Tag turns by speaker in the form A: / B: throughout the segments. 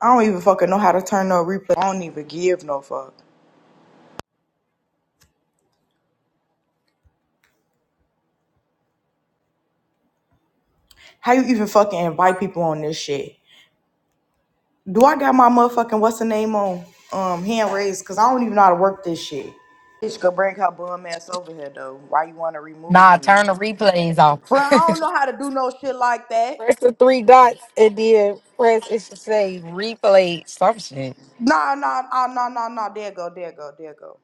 A: I don't even fucking know how to turn no replay. I don't even give no fuck. How you even fucking invite people on this shit? Do I got my motherfucking what's the name on um hand raised? Cause I don't even know how to work this shit. Bitch could bring her bum ass over here though. Why you wanna remove
B: Nah,
A: me?
B: turn the replays off.
A: For I don't know how to do no shit like that.
B: Press the three dots and then press it should say replay some shit.
A: Nah, nah, nah, nah, nah, nah. There go, there go, there go.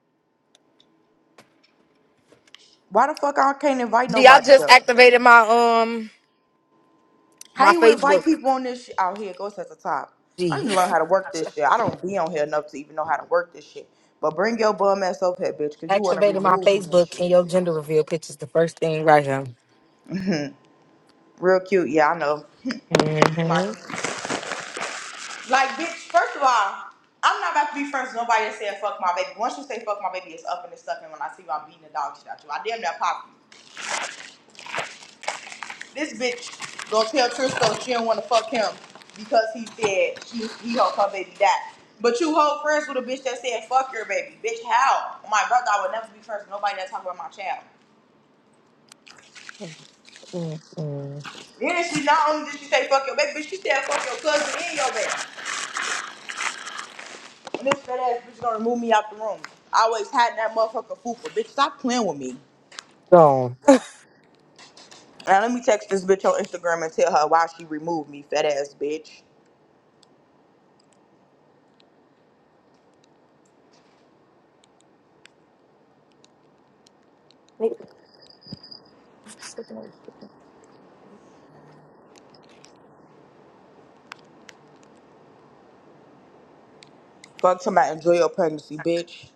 A: Why the fuck I can't invite
B: Gee, I
A: nobody
B: just
A: though?
B: activated my um
A: How
B: my
A: you invite
B: Facebook.
A: people on this shit? Oh, here it goes at the top. I need
B: Gee,
A: to learn how to work this shit. I don't be on here enough to even know how to work this shit. But bring your bum ass up here, bitch, because you want to
B: activated my
A: remove me and
B: Facebook and
A: shit.
B: your gender reveal picture's the first thing right here.
A: Mhm. Real cute. Yeah, I know. my
B: Mm-hmm.
A: team. Like, bitch, first of all, I'm not about to be friends with nobody that said fuck my baby. Once you say fuck my baby, it's up and it's stuck. And when I see you, I'm beating the dog shit out you. I damn near popped This bitch gonna tell Tristan she don't wanna fuck him because he said she he hope her baby die. But you hold friends with a bitch that said fuck your baby. Bitch, how? My brother, I would never be friends with nobody that talk about my child.
B: Mm-hmm.
A: Then she not only did she say fuck your baby, bitch, she said fuck your cousin and your baby. And this fat ass bitch gonna remove me out the room. I always hiding that motherfucker fupa. Bitch, stop playing with me.
B: Gone.
A: Now let me text this bitch on Instagram and tell her why she removed me, fat ass bitch. Fuck somebody, enjoy your pregnancy, bitch.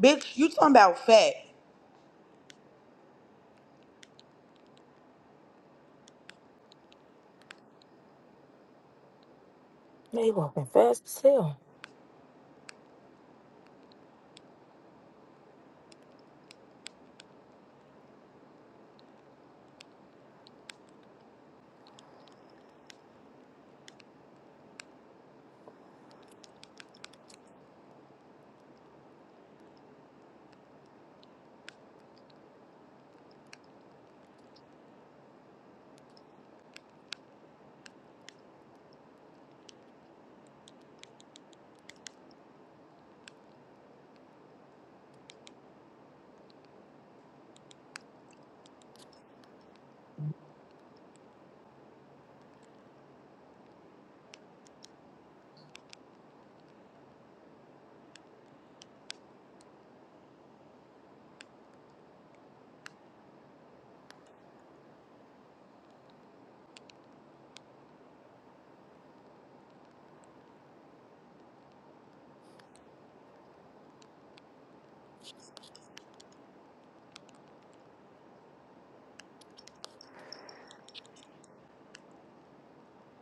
A: Bitch, you talking about fat.
B: Now you walking fast as hell.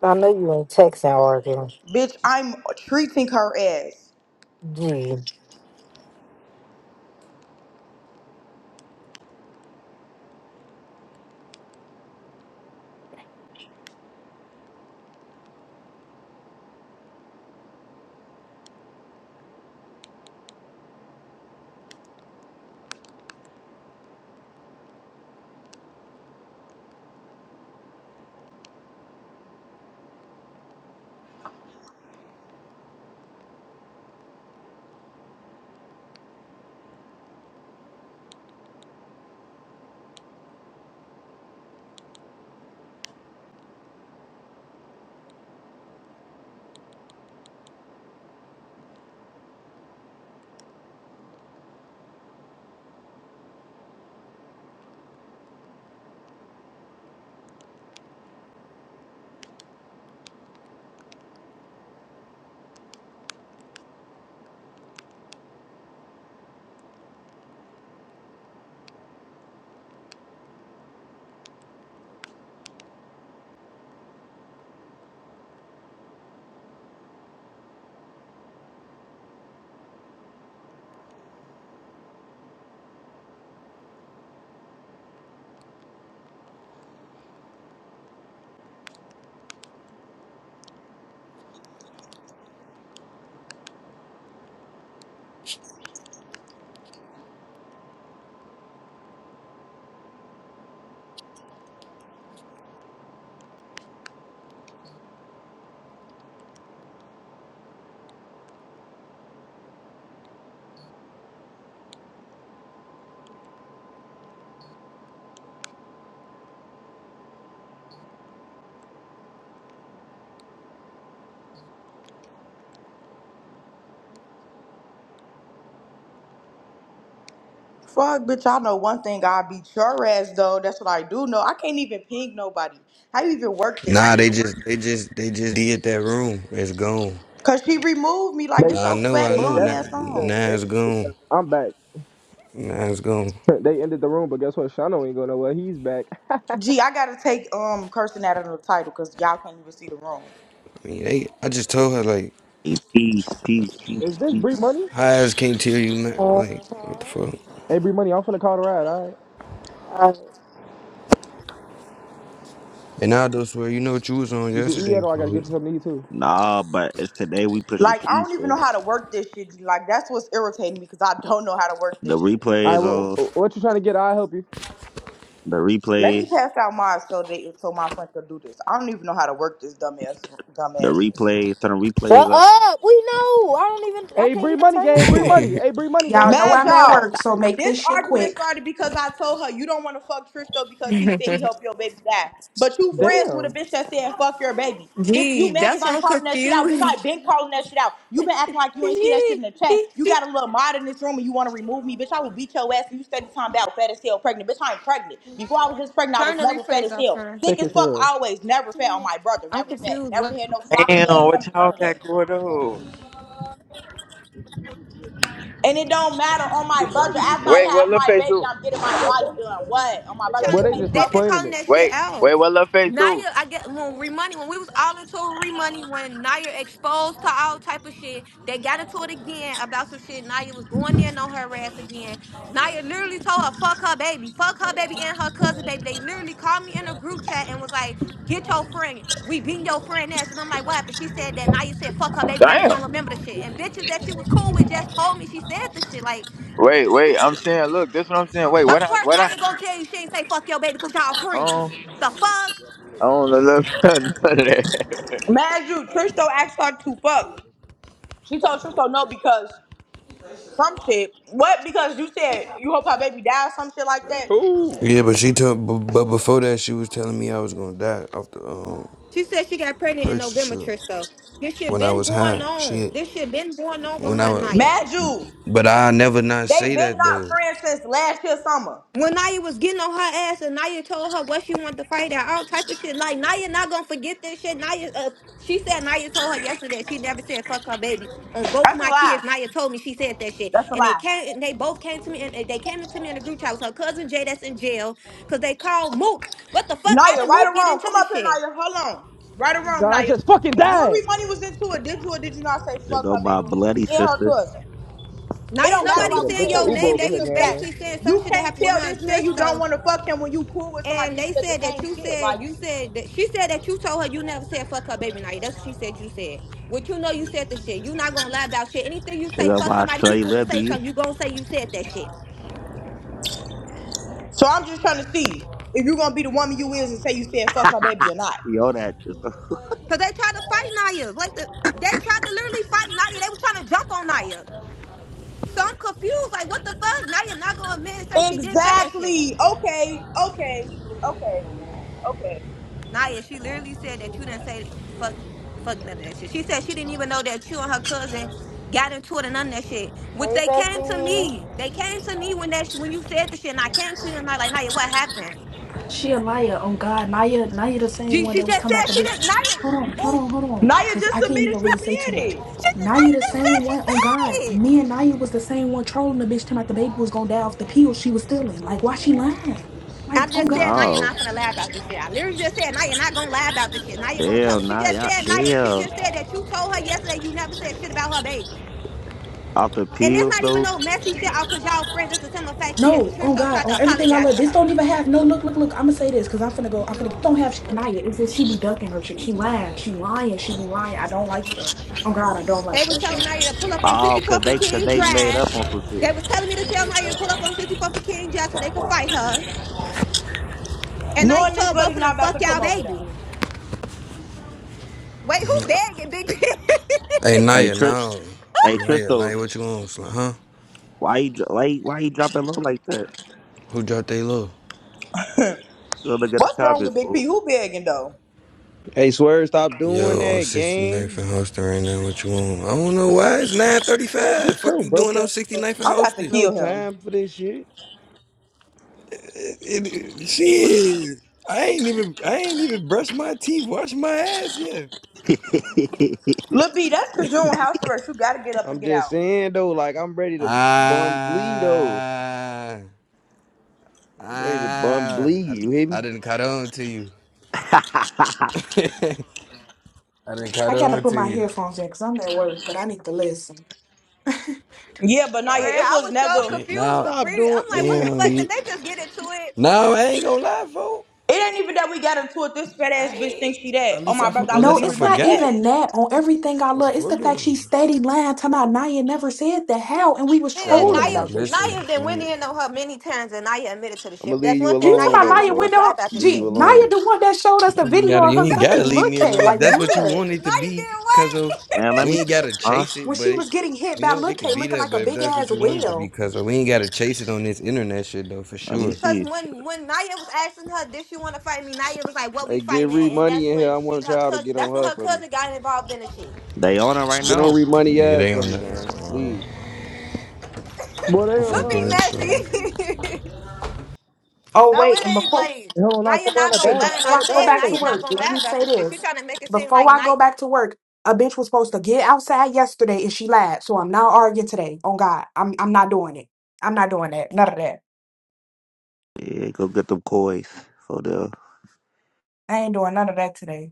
B: I know you ain't texting or arguing.
A: Bitch, I'm treating her as.
B: Gee. Mm-hmm.
A: Fuck, bitch, I know one thing. I beat your ass, though. That's what I do know. I can't even ping nobody. How you even work this
C: Nah,
A: shit?
C: they just they just they just did that room. It's gone.
A: Cause she removed me. Like,
D: They
A: get
C: Nah, I
A: your
C: know, I
A: fat
D: they
C: know.
A: bum
C: Now,
A: ass
D: definitely just
A: on.
C: now
D: ended
C: it's
D: it
C: gone.
D: because I'm back.
C: Now it's gone.
D: They ended the room, but guess what? Shano ain't going nowhere. He's back.
A: Gee, I gotta take um cursing out of the title because y'all can't even see the room.
C: I mean, they. I just told her like,
E: Hey, Peace, peace,
D: Is
E: peace,
D: this Bree
E: peace.
D: Money?
C: I just can't tell you, man. Like, what the fuck?
D: Hey, Bree Money, I'm finna call the ride. All right.
B: Uh,
C: And I do swear, you know what you was on
D: Did you eat
C: yesterday,
D: yet, or I gotta get
C: folks.
D: you something to eat too?
E: Nah, but it's today we pushing
A: Like, I
E: peace,
A: don't even
E: fool.
A: know how to work this shit. Like, that's what's irritating me because I don't know how to work
E: The
A: this shit.
D: All
E: replays
D: right.
E: on.
D: What, what you trying to get? I will help you.
E: The
A: Let me
E: replays.
A: pass out mine so they so my friend can do this. I don't even know how to work this dumbass
E: The
A: dumbass. shit.
E: replays. Turn the
B: shut
E: replays on.
B: up. We know. I don't even. I
D: Hey,
B: can't
D: Bree
B: even
D: Money
B: turn it
D: gang. Bree
B: off.
D: Money. Hey,
C: yeah,
D: Bree Money
F: Y'all
D: gang.
F: know
A: Mad
F: I'm at
A: y'all.
F: work, so make
A: This
F: this shit
A: argument
F: quick.
A: started because I told her you don't want to fuck Trish though because he said he helped your baby die. But you friends with a
D: Damn.
A: bitch that said fuck your baby. Bitch, you
G: Gee,
A: mad
G: that's
A: because
G: why
A: I'm
G: I'm
A: calling that shit out. Bitch, I
G: confused.
A: been calling that shit out. You been acting like you ain't see that shit in the chat. You got a little mod in this room and you want to remove me. Bitch, I will beat your ass and you steady time about fat as hell pregnant. Bitch, I ain't pregnant. Before I was just pregnant, I
G: Turn
A: was
G: the
A: never fat as
G: replays off,
A: hell.
G: sir.
A: Thick
D: Thick
A: as
D: as
A: fuck
D: hell.
A: always. Never fat on my brother.
G: I'm
A: Never fat.
G: confused.
A: Never
G: What?
A: had no
H: Damn,
A: sloppy ass
H: what
A: stomach. None
H: y'all
A: of
H: got
A: that.
H: going on?
A: And it don't matter on my brother, After
H: Wait,
A: I
H: what
A: have
H: little
A: my
H: face
A: baby,
H: do?
A: I'm getting my body done. What? On my brother, you
D: Well, they
A: can't
D: just
G: They've
A: fuck
G: been
A: with me.
D: explaining
G: calling
D: it.
G: that shit
H: Wait,
G: out.
H: wait, what little face do?
G: Naya, I get when Remoney, when we was all into Remoney, when Naya exposed to all type of shit, they got into it again about some shit. Naya was going there and on her ass again. Naya literally told her, fuck her baby, fuck her baby and her cousin baby. They literally called me in a group chat and was like, get your friend. We beat your friend ass. And I'm like, what happened? She said that Naya said, fuck her baby. Now she don't
H: Damn.
G: remember the shit. And bitches that she was cool with just told me she said the shit. Like,
H: Wait, wait, I'm saying, look, this what I'm saying. Wait, what
G: of
H: I,
G: course,
H: what I,
G: Naya gonna tell you she ain't say fuck your baby because y'all friends.
H: um,
G: The fuck?
H: I don't know nothing- none of that.
A: Mad you, Tristo asked her to fuck. She told Tristo no because some shit. What? Because you said you hope her baby dies, some shit like that.
H: Who?
C: but she told. But, but before that, she was telling me I was gonna die off the um,
G: She said she got pregnant in
C: perks and
G: November,
C: shit
G: Tristo. This shit
C: when I
G: been
C: was
G: going
C: high.
G: on.
C: Shit,
G: This shit been going on with
C: when
G: her
C: I
G: and
C: was.
G: Naya.
A: Mad you.
C: But I never not
A: They
C: say
A: been
C: that
A: not
C: though.
A: friends since last year summer.
G: When Naya was getting on her ass and Naya told her what she wanted to fight at, all type of shit. Like Naya not gonna forget this shit. Naya, uh, she said Naya told her yesterday that she never said fuck her baby. On both
A: That's a
G: my
A: lie.
G: kids, Naya told me she said that shit,
A: That's a
G: and they
A: lie.
G: came, they both came to me, and they came to me in the group chat. It was her cousin Jay that's in jail because they called Mook. What the fuck? How
A: Naya,
G: did
A: right
G: Mook
A: or
G: get
A: wrong?
G: into
A: Come
G: this
A: up here,
G: shit?
A: Naya. Hold on. Right or wrong,
D: God, I
A: Naya.
D: just fucking
A: When you and
D: died.
A: Remoney was into it, did you or did you not say
E: They
A: fuck
E: go
A: her baby?
E: by Bloody
A: And her
E: Sister.
A: cousin. It
G: Naya,
A: don't
D: I'm
A: matter
D: trying
G: nobody
D: to
A: why
D: get a
A: we
G: saying
A: say
D: bitch a
A: your
G: your
A: name.
D: Uber
G: name.
A: It's
D: over
A: just
G: They
D: here,
G: was
A: some fact.
D: gang.
G: basically saying some
A: You
G: shit that
A: can't
G: happened with
A: tell
G: her and
A: this man you don't
G: Tristo.
A: want to fuck him when you cool with somebody
G: And
A: who
G: they
A: said the
G: said that
A: same
G: you
A: shit.
G: said
A: Like,
G: you said that she said that you told her you never said fuck her baby Naya. That's what she said you said. Which you know you said the shit. You not gonna lie about shit. Anything you
E: They
G: say
E: go
G: fuck
E: by
G: somebody
E: Shorty
G: people to say
E: Libby.
G: something, you gonna say you said that shit.
A: so I'm just trying to see if you're gonna be the woman you is and say you said fuck her baby or not.
E: Yo, that just.
G: Cause they tried to fight Naya. Like the they tried to literally fight Naya. They was trying to jump on Naya. So I'm confused. Like what the fuck? Naya not gonna admit and say she didn't say that shit.
A: Exactly. Okay. Okay. Okay. Okay.
G: Naya, she literally said that you didn't say fuck fuck none of that shit. She said she didn't even know that you and her cousin got into it and none of that shit. Which
B: Hey,
G: they came to
B: bestie.
G: me. They came to me when that shit, when you said the shit and I came to you and I like Naya, what happened?
F: She a liar. Oh God, Naya, Naya the same
G: She,
F: one
G: she
F: that was
G: just
F: talking about
G: said
F: the
G: she
F: bitch.
G: didn't Naya
F: Hold on, hold
G: oh
F: on, hold on.
A: Naya
F: Cause I
A: just
F: can't even
A: admitted she
F: really say too
A: said
F: much.
A: it.
G: she just
F: Naya
G: Naya
F: the
G: just
F: same
G: said she
F: one. Oh God,
G: said it.
F: me and Naya was the same one trolling the bitch talking about the baby was gonna die off the pills she was stealing. Like why she lying? Like
G: I
F: oh
G: just said Naya
F: God.
G: not
E: No.
G: gonna lie about this shit. I literally just said Naya not gonna lie about this shit. Naya gonna tell her.
E: Damn,
G: She
E: nah,
G: just
E: y'all.
G: said Naya she
E: Damn.
G: just said that you told her yesterday you never said shit about her baby.
E: Off the
G: And that's
E: pills,
G: not even
E: though.
G: no messy shit out because y'all friends. That's the simple fact is,
F: No, oh
G: Tristo
F: God,
G: tried to
F: on everything I
G: apologize
F: love.
G: to
F: This
G: her.
F: don't even have no look, look, look. I'm gonna say this because I'm finna go. I'm finna don't have shit, Naya. It's that she be ducking her shit. She lying. She lying. She be lying. I don't like that. Oh God, I don't like
G: They was
F: that shit.
G: telling Naya to pull up on
E: Oh, cause
G: 64th and
E: they, cause
G: King
E: they made
G: Drive.
E: up on some shit.
G: They was telling me to tell Naya to pull up on 64th and King Drive so they could
E: Okay.
G: fight her. And Naya
A: Knowing this
G: told
A: lady
G: both of them,
A: not about
G: fuck
A: to
G: y'all
A: come over
G: baby.
A: though.
G: Wait, who begging, big bitch?
C: Hey
E: Hey,
C: Naya,
E: Tri-
C: now
E: hey,
C: Naya,
E: Tristo,
C: Naya, what you on, slut, huh?
E: why you, dro- why, you- why you dropping low like that?
C: Who dropped they low?
E: Go look at the
A: What's wrong with
E: comments,
A: Big
E: fool.
A: P? Who begging though?
I: Hey, swear, stop doing
C: Yo, on
I: that,
C: sixty ninth
I: gang.
C: and Houston right now. What you want? I don't know why. It's
D: Man,
C: 935.
D: get
C: Fuck
D: your
C: you
D: broke
C: doing
D: ass.
C: on sixty ninth and
A: I'm about to
C: Houston?
I: No
A: kill him.
I: time for this shit.
C: It, it, shit. I ain't even I ain't even brushed my teeth, washed my ass yet.
A: Lil B, that's because you on house arrest. You gotta get up and
I: I'm
A: get
I: just
A: out.
I: saying though, like I'm ready to bump glee though.
C: Ah,
I: I'm ready to bump
C: ah,
I: glee.
C: I,
I: You hear me?
C: I didn't cut on to you. I didn't cut
F: I gotta
C: on
F: put
C: to
F: my
C: you.
F: headphones in because I'm at work, but I need to listen.
A: Yeah, but Naya,
G: Bruh,
A: it
G: I
A: was
G: was so
A: never.
C: Da-
G: confused
C: Now,
G: with
I: Stop
G: Bree.
I: doing,
G: I'm like, what
I: man.
G: the
C: damn
G: fuck? Did
C: you.
G: they just get into it?
C: Now I ain't gonna lie, folk.
A: It ain't even that we got into it. This fat
C: I
A: ass bitch
C: ain't.
A: thinks she that.
C: At
A: Oh
C: least
A: my
C: I,
A: brother, I will
F: No,
C: unless
A: be
C: I
A: with
F: it's not
A: money
C: forgot.
A: ass.
F: even that on everything I
C: Oh,
F: love. It's
C: for
F: the fact she
C: them.
F: steady lying, talking about Naya never said that how, and we was
C: That
G: Yeah,
F: trolling
C: wasn't even
G: Naya,
F: about this shit.
C: listening.
G: Naya then went
C: fool.
G: in on her many times and Naya admitted to the
I: I'm gonna
G: shit.
I: leave
G: That's
I: you
G: one
F: Do
G: thing
F: you
I: alone
G: Naya
F: talking about
G: not
I: though,
G: gonna
F: Naya
G: do is
I: folks.
G: lie
F: window?
G: about the
I: Leave you
F: Gee,
G: shit.
F: Naya
I: alone.
F: the one that showed us the
C: You ain't
F: video
C: gotta,
F: of
C: you
F: her
C: ain't gotta
F: fucking
C: leave
F: look
C: me
F: K,
C: alone
F: like
C: if that's what you
F: what?
C: want it to
G: Naya did
C: be,
G: what?
C: cuzzo.
E: And let
C: We
E: me
C: ain't
E: see.
C: gotta
E: Huh?
C: chase
F: When
C: it, but
F: she was
C: it,
F: getting hit
C: you
F: by
C: know,
F: look
C: it
F: K
C: could be
F: looking
C: that.
F: like a
C: But if
F: big
C: that's what
F: ass
C: you want it to be,
F: whale.
C: cuzzo, we ain't gotta chase it on this internet shit though, for
E: Let me
C: sure.
G: Cause
E: see.
G: when when Naya was asking her, did she want to fight me? Naya was like, "What we
I: Hey, get
G: fighting
I: re
G: at?" And
I: money
G: that's
I: in here.
G: when
I: I
G: she
I: want
G: her
I: y'all to
G: cousin.
I: get
G: That's
I: on
G: when
I: her
G: her
I: for me.
G: cousin got involved in the shit.
E: They on it right
I: Get on
E: now.
I: re money
C: Yeah,
I: ass
C: they
I: for
C: on
I: me,
C: that.
I: gang.
C: Uh,
I: Please.
D: Well, they
C: I'm
D: on
G: Look,
C: finna get
G: be
D: her.
C: this
G: nasty.
C: shit.
F: Oh
G: no,
F: wait,
G: it
F: and
G: ain't
F: before
G: Blade.
D: Hey, Hold on, nah,
G: Naya
D: come around
G: not
D: the
F: Hey,
G: gonna
D: bag.
F: before
G: lie,
D: Come
G: and
D: around
G: I
F: I
D: the
F: go
G: said
F: back
D: bag.
F: to
G: Naya not
F: work,
G: gonna
F: let
G: lie
F: me
G: about
F: say
G: this shit. She
F: this.
G: trying to make it seem
F: Before
G: like
F: I
G: Naya.
F: go back to work, a bitch was supposed to get outside yesterday and she lied. So I'm not arguing today. On God. I'm I'm not doing it. I'm not doing that. None of that.
E: Yeah, go get them coys for the.
F: I ain't doing none of that today.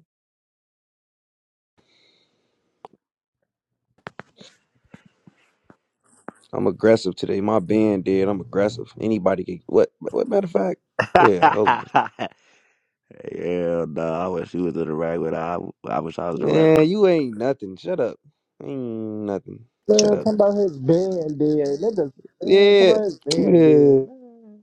I: I'm aggressive today. My band did. I'm aggressive. Anybody can. What? What matter of fact? Yeah. Hold on.
E: yeah, no, I wish you was in the rag with I, I wish I was in the rag
I: Man, you ain't nothing. Shut up. Ain't nothing. Shut
D: Man,
I: up.
D: talking about his band dead. Niggas, man, talking
I: Yeah.
D: about his band dead.
I: Yeah.
D: Man,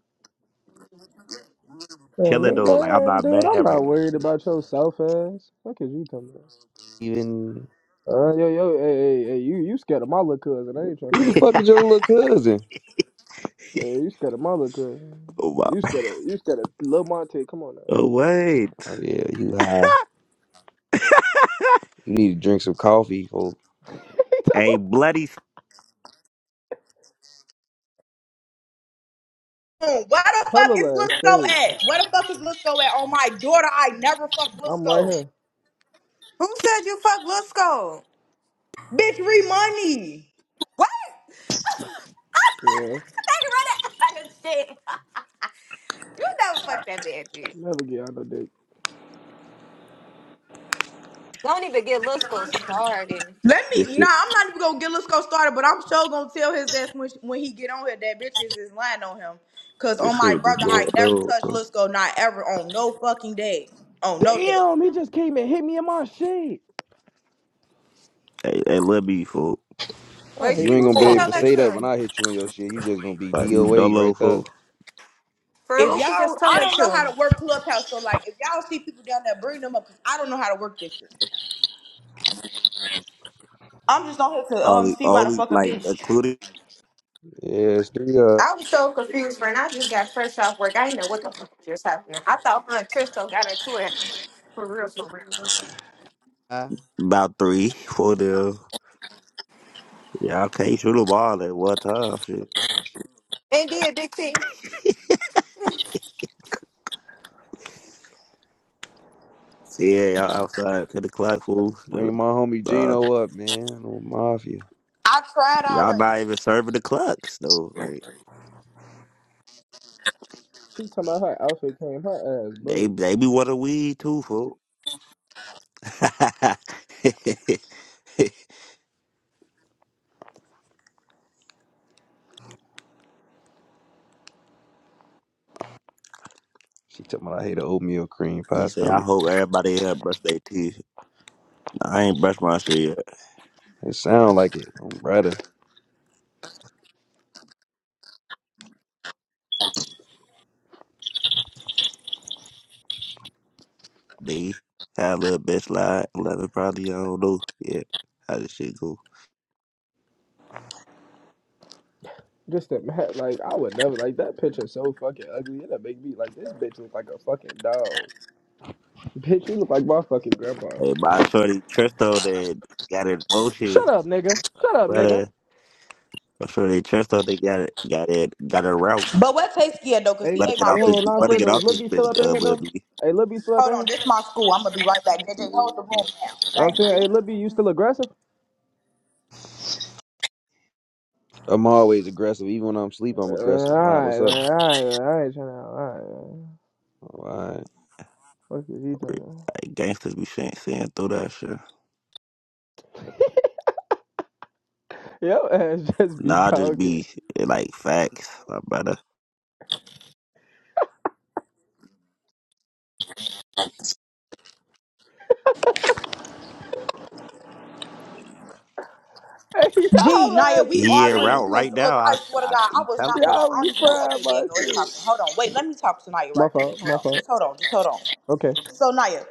D: man,
E: Chilling though, like
D: nigga-
E: I'm
D: man,
E: not
D: dude,
E: mad
D: I'm
E: right
D: not
E: now.
D: worried about your self ass. Fuck is you talking about?
I: Even
D: Uh, yo, yo, hey, hey, hey, you, you scared of my little cousin? I ain't trying to.
I: who the fuck
D: hear
I: is your little cousin?
D: that. Hey, you scared of my little cousin?
E: Oh, wow.
D: You scared of, you scared of Lil Monte? Come on
E: oh
D: now.
E: wait,
I: Oh yeah, you high. You need to drink some coffee, folks.
D: He
E: Hey,
D: told-
E: bloody
A: Mm, Where the
D: Her
A: fuck is
D: little ass
A: Lisco
D: stay.
A: at? Where the fuck is Lisco at? Oh my daughter, I never fucked
D: I'm right
A: Lisco.
D: here.
G: Who said you fuck Lil Skull?
A: Bitch, re money.
G: What?
D: Yeah,
G: They run that shit. You never fuck that bad bitch.
D: never get out no dick.
G: Don't even get Lil Skull started.
A: Let
E: this
A: me. Nah,
E: shit,
A: I'm not even gonna get Lisco started, but I'm sure gonna tell his ass when, when he get on here that bitches is lying on him. Cause
E: this
A: on my
E: shit be
A: brother,
E: going
A: I
E: on.
A: never
E: Bro.
A: touched Lisco, not ever on no fucking day, on no day.
D: Damn, he just came and hit me in my shit.
E: Hey, hey, let me fool.
D: I
G: Wait,
I: You
G: she
D: hate
I: ain't
D: this
G: who
I: gonna be
G: she
I: able
D: girl.
G: tell
I: to
G: that
I: say
D: Bro.
I: that when
G: to?
I: I hit you in your shit. You just gonna be
E: Like you
I: DOA
E: dolo
I: right there.
E: fool.
G: For
A: If
G: who she just
A: y'all,
G: tell
A: I
G: that
A: don't know how
G: to?
A: to work clubhouse, so like if y'all see people down there, bring them up. Cause I don't know how to work this shit. I'm just on here to um
E: Only,
A: see why the
E: only
A: fuck a
E: like
A: bitch.
E: including
I: Yeah, it's three up.
G: I was so confused, friend. I just got fresh off work. I didn't know what the fuck was just happening. I thought Aunt Tristo got into it for real, for real.
E: about three for the. Yeah, I can't shoot them all at one time. shit.
G: And did Big T.
E: So, Yeah, y'all outside to the clock, fool.
I: Bring my homie
E: Uh,
I: Gino up, man. No mafia.
A: I tried
E: y'all
A: already.
E: not even serving the clocks, though. Like,
D: She talking about her outfit came, her ass
E: they
D: broke.
E: they be wanting weed, too, fool.
I: She talking about I hate a oatmeal cream pie
E: he say, I
I: stomach.
E: hope everybody here brush their teeth. I ain't brushed my shit yet.
I: It sound like it. I'm brother.
E: They had a little bitch lie. Eleven probably, I don't know. Yeah, how this shit go.
D: Just a man, like I would never like that picture. So fucking ugly. It'll make me like this bitch look like a fucking dog. Bitch, you look like my fucking grandpa.
E: Hey, my shorty Tristo that got in motion,
D: Shut up, nigga. Shut up, nigga.
E: brother. My shorty Tristo that got it, got it, got it route.
A: But what takes scared though, cause
D: Hey,
A: he
E: Better
A: ate
E: get
A: my
D: hey,
E: off this,
A: pussy.
D: hold on, not
A: So
E: better
A: what
D: for
A: he
D: though.
E: get
D: Is
E: off
A: doing?
D: Lil
E: this
D: B still
E: bitch,
D: up in
E: uh,
D: here
E: little
D: though?
E: B.
D: Hey, Lil B still up
A: Hold
D: in
A: on,
D: here?
A: this my school. I'm gonna be right back. JJ, hold the room down.
D: I'm
A: Thank
D: saying,
A: you.
D: hey, Lil B, you still aggressive?
I: I'm always aggressive. Even when I'm asleep, I'm
D: Uh,
I: aggressive. Why? What's
D: alright,
I: up?
D: man. Alright, man. I ain't trying to. Alright, man.
I: Why?
D: What is he talking
E: Like gangsters be saying, saying through that shit.
D: about? Yo, ass just be
E: Nah, I just
D: talking.
E: be like facts, my brother.
D: Hey,
A: Gee,
D: y'all
A: Naya,
D: ass
A: we
D: be
E: He in
A: arguing
D: killing
E: route
A: because
D: me.
E: right
A: look,
E: now.
A: I
E: I,
A: swear to
E: I
A: God, I
E: he
A: was
E: telling
A: not. Hold
E: me
A: on,
D: Y'all
A: I
D: be
A: don't
E: like
A: even know.
D: frying
A: Okay, there
D: my
A: you go. It's
D: shit.
A: talking. Hold on, wait, let me talk to Naya
D: My
A: right quick.
D: fault.
A: Hold
D: My
A: on,
D: fault.
A: just hold on, just hold on.
D: Okay,
A: So Naya,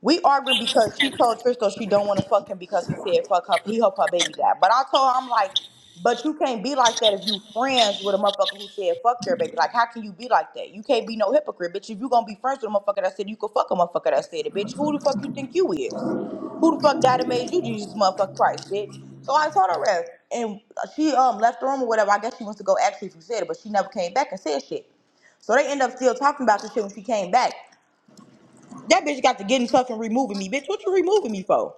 A: we arguing because she told Trisco she don't want to fuck him because he said fuck her. He hope her baby died. But I told her I'm like, but you can't be like that if you friends with a motherfucker who said fuck your baby. Like, how can you be like that? You can't be no hypocrite, bitch. If you gonna be friends with a motherfucker that said you could fuck a motherfucker that said it, bitch. Who the fuck you think you is? Who the fuck died and made you Jesus motherfucker Christ, bitch? So I told her that, and she um left the room or whatever. I guess she wants to go ask you if you said it, but she never came back and said shit. So they end up still talking about the shit when she came back. That bitch got to getting stuff and removing me. Bitch, what you removing me for?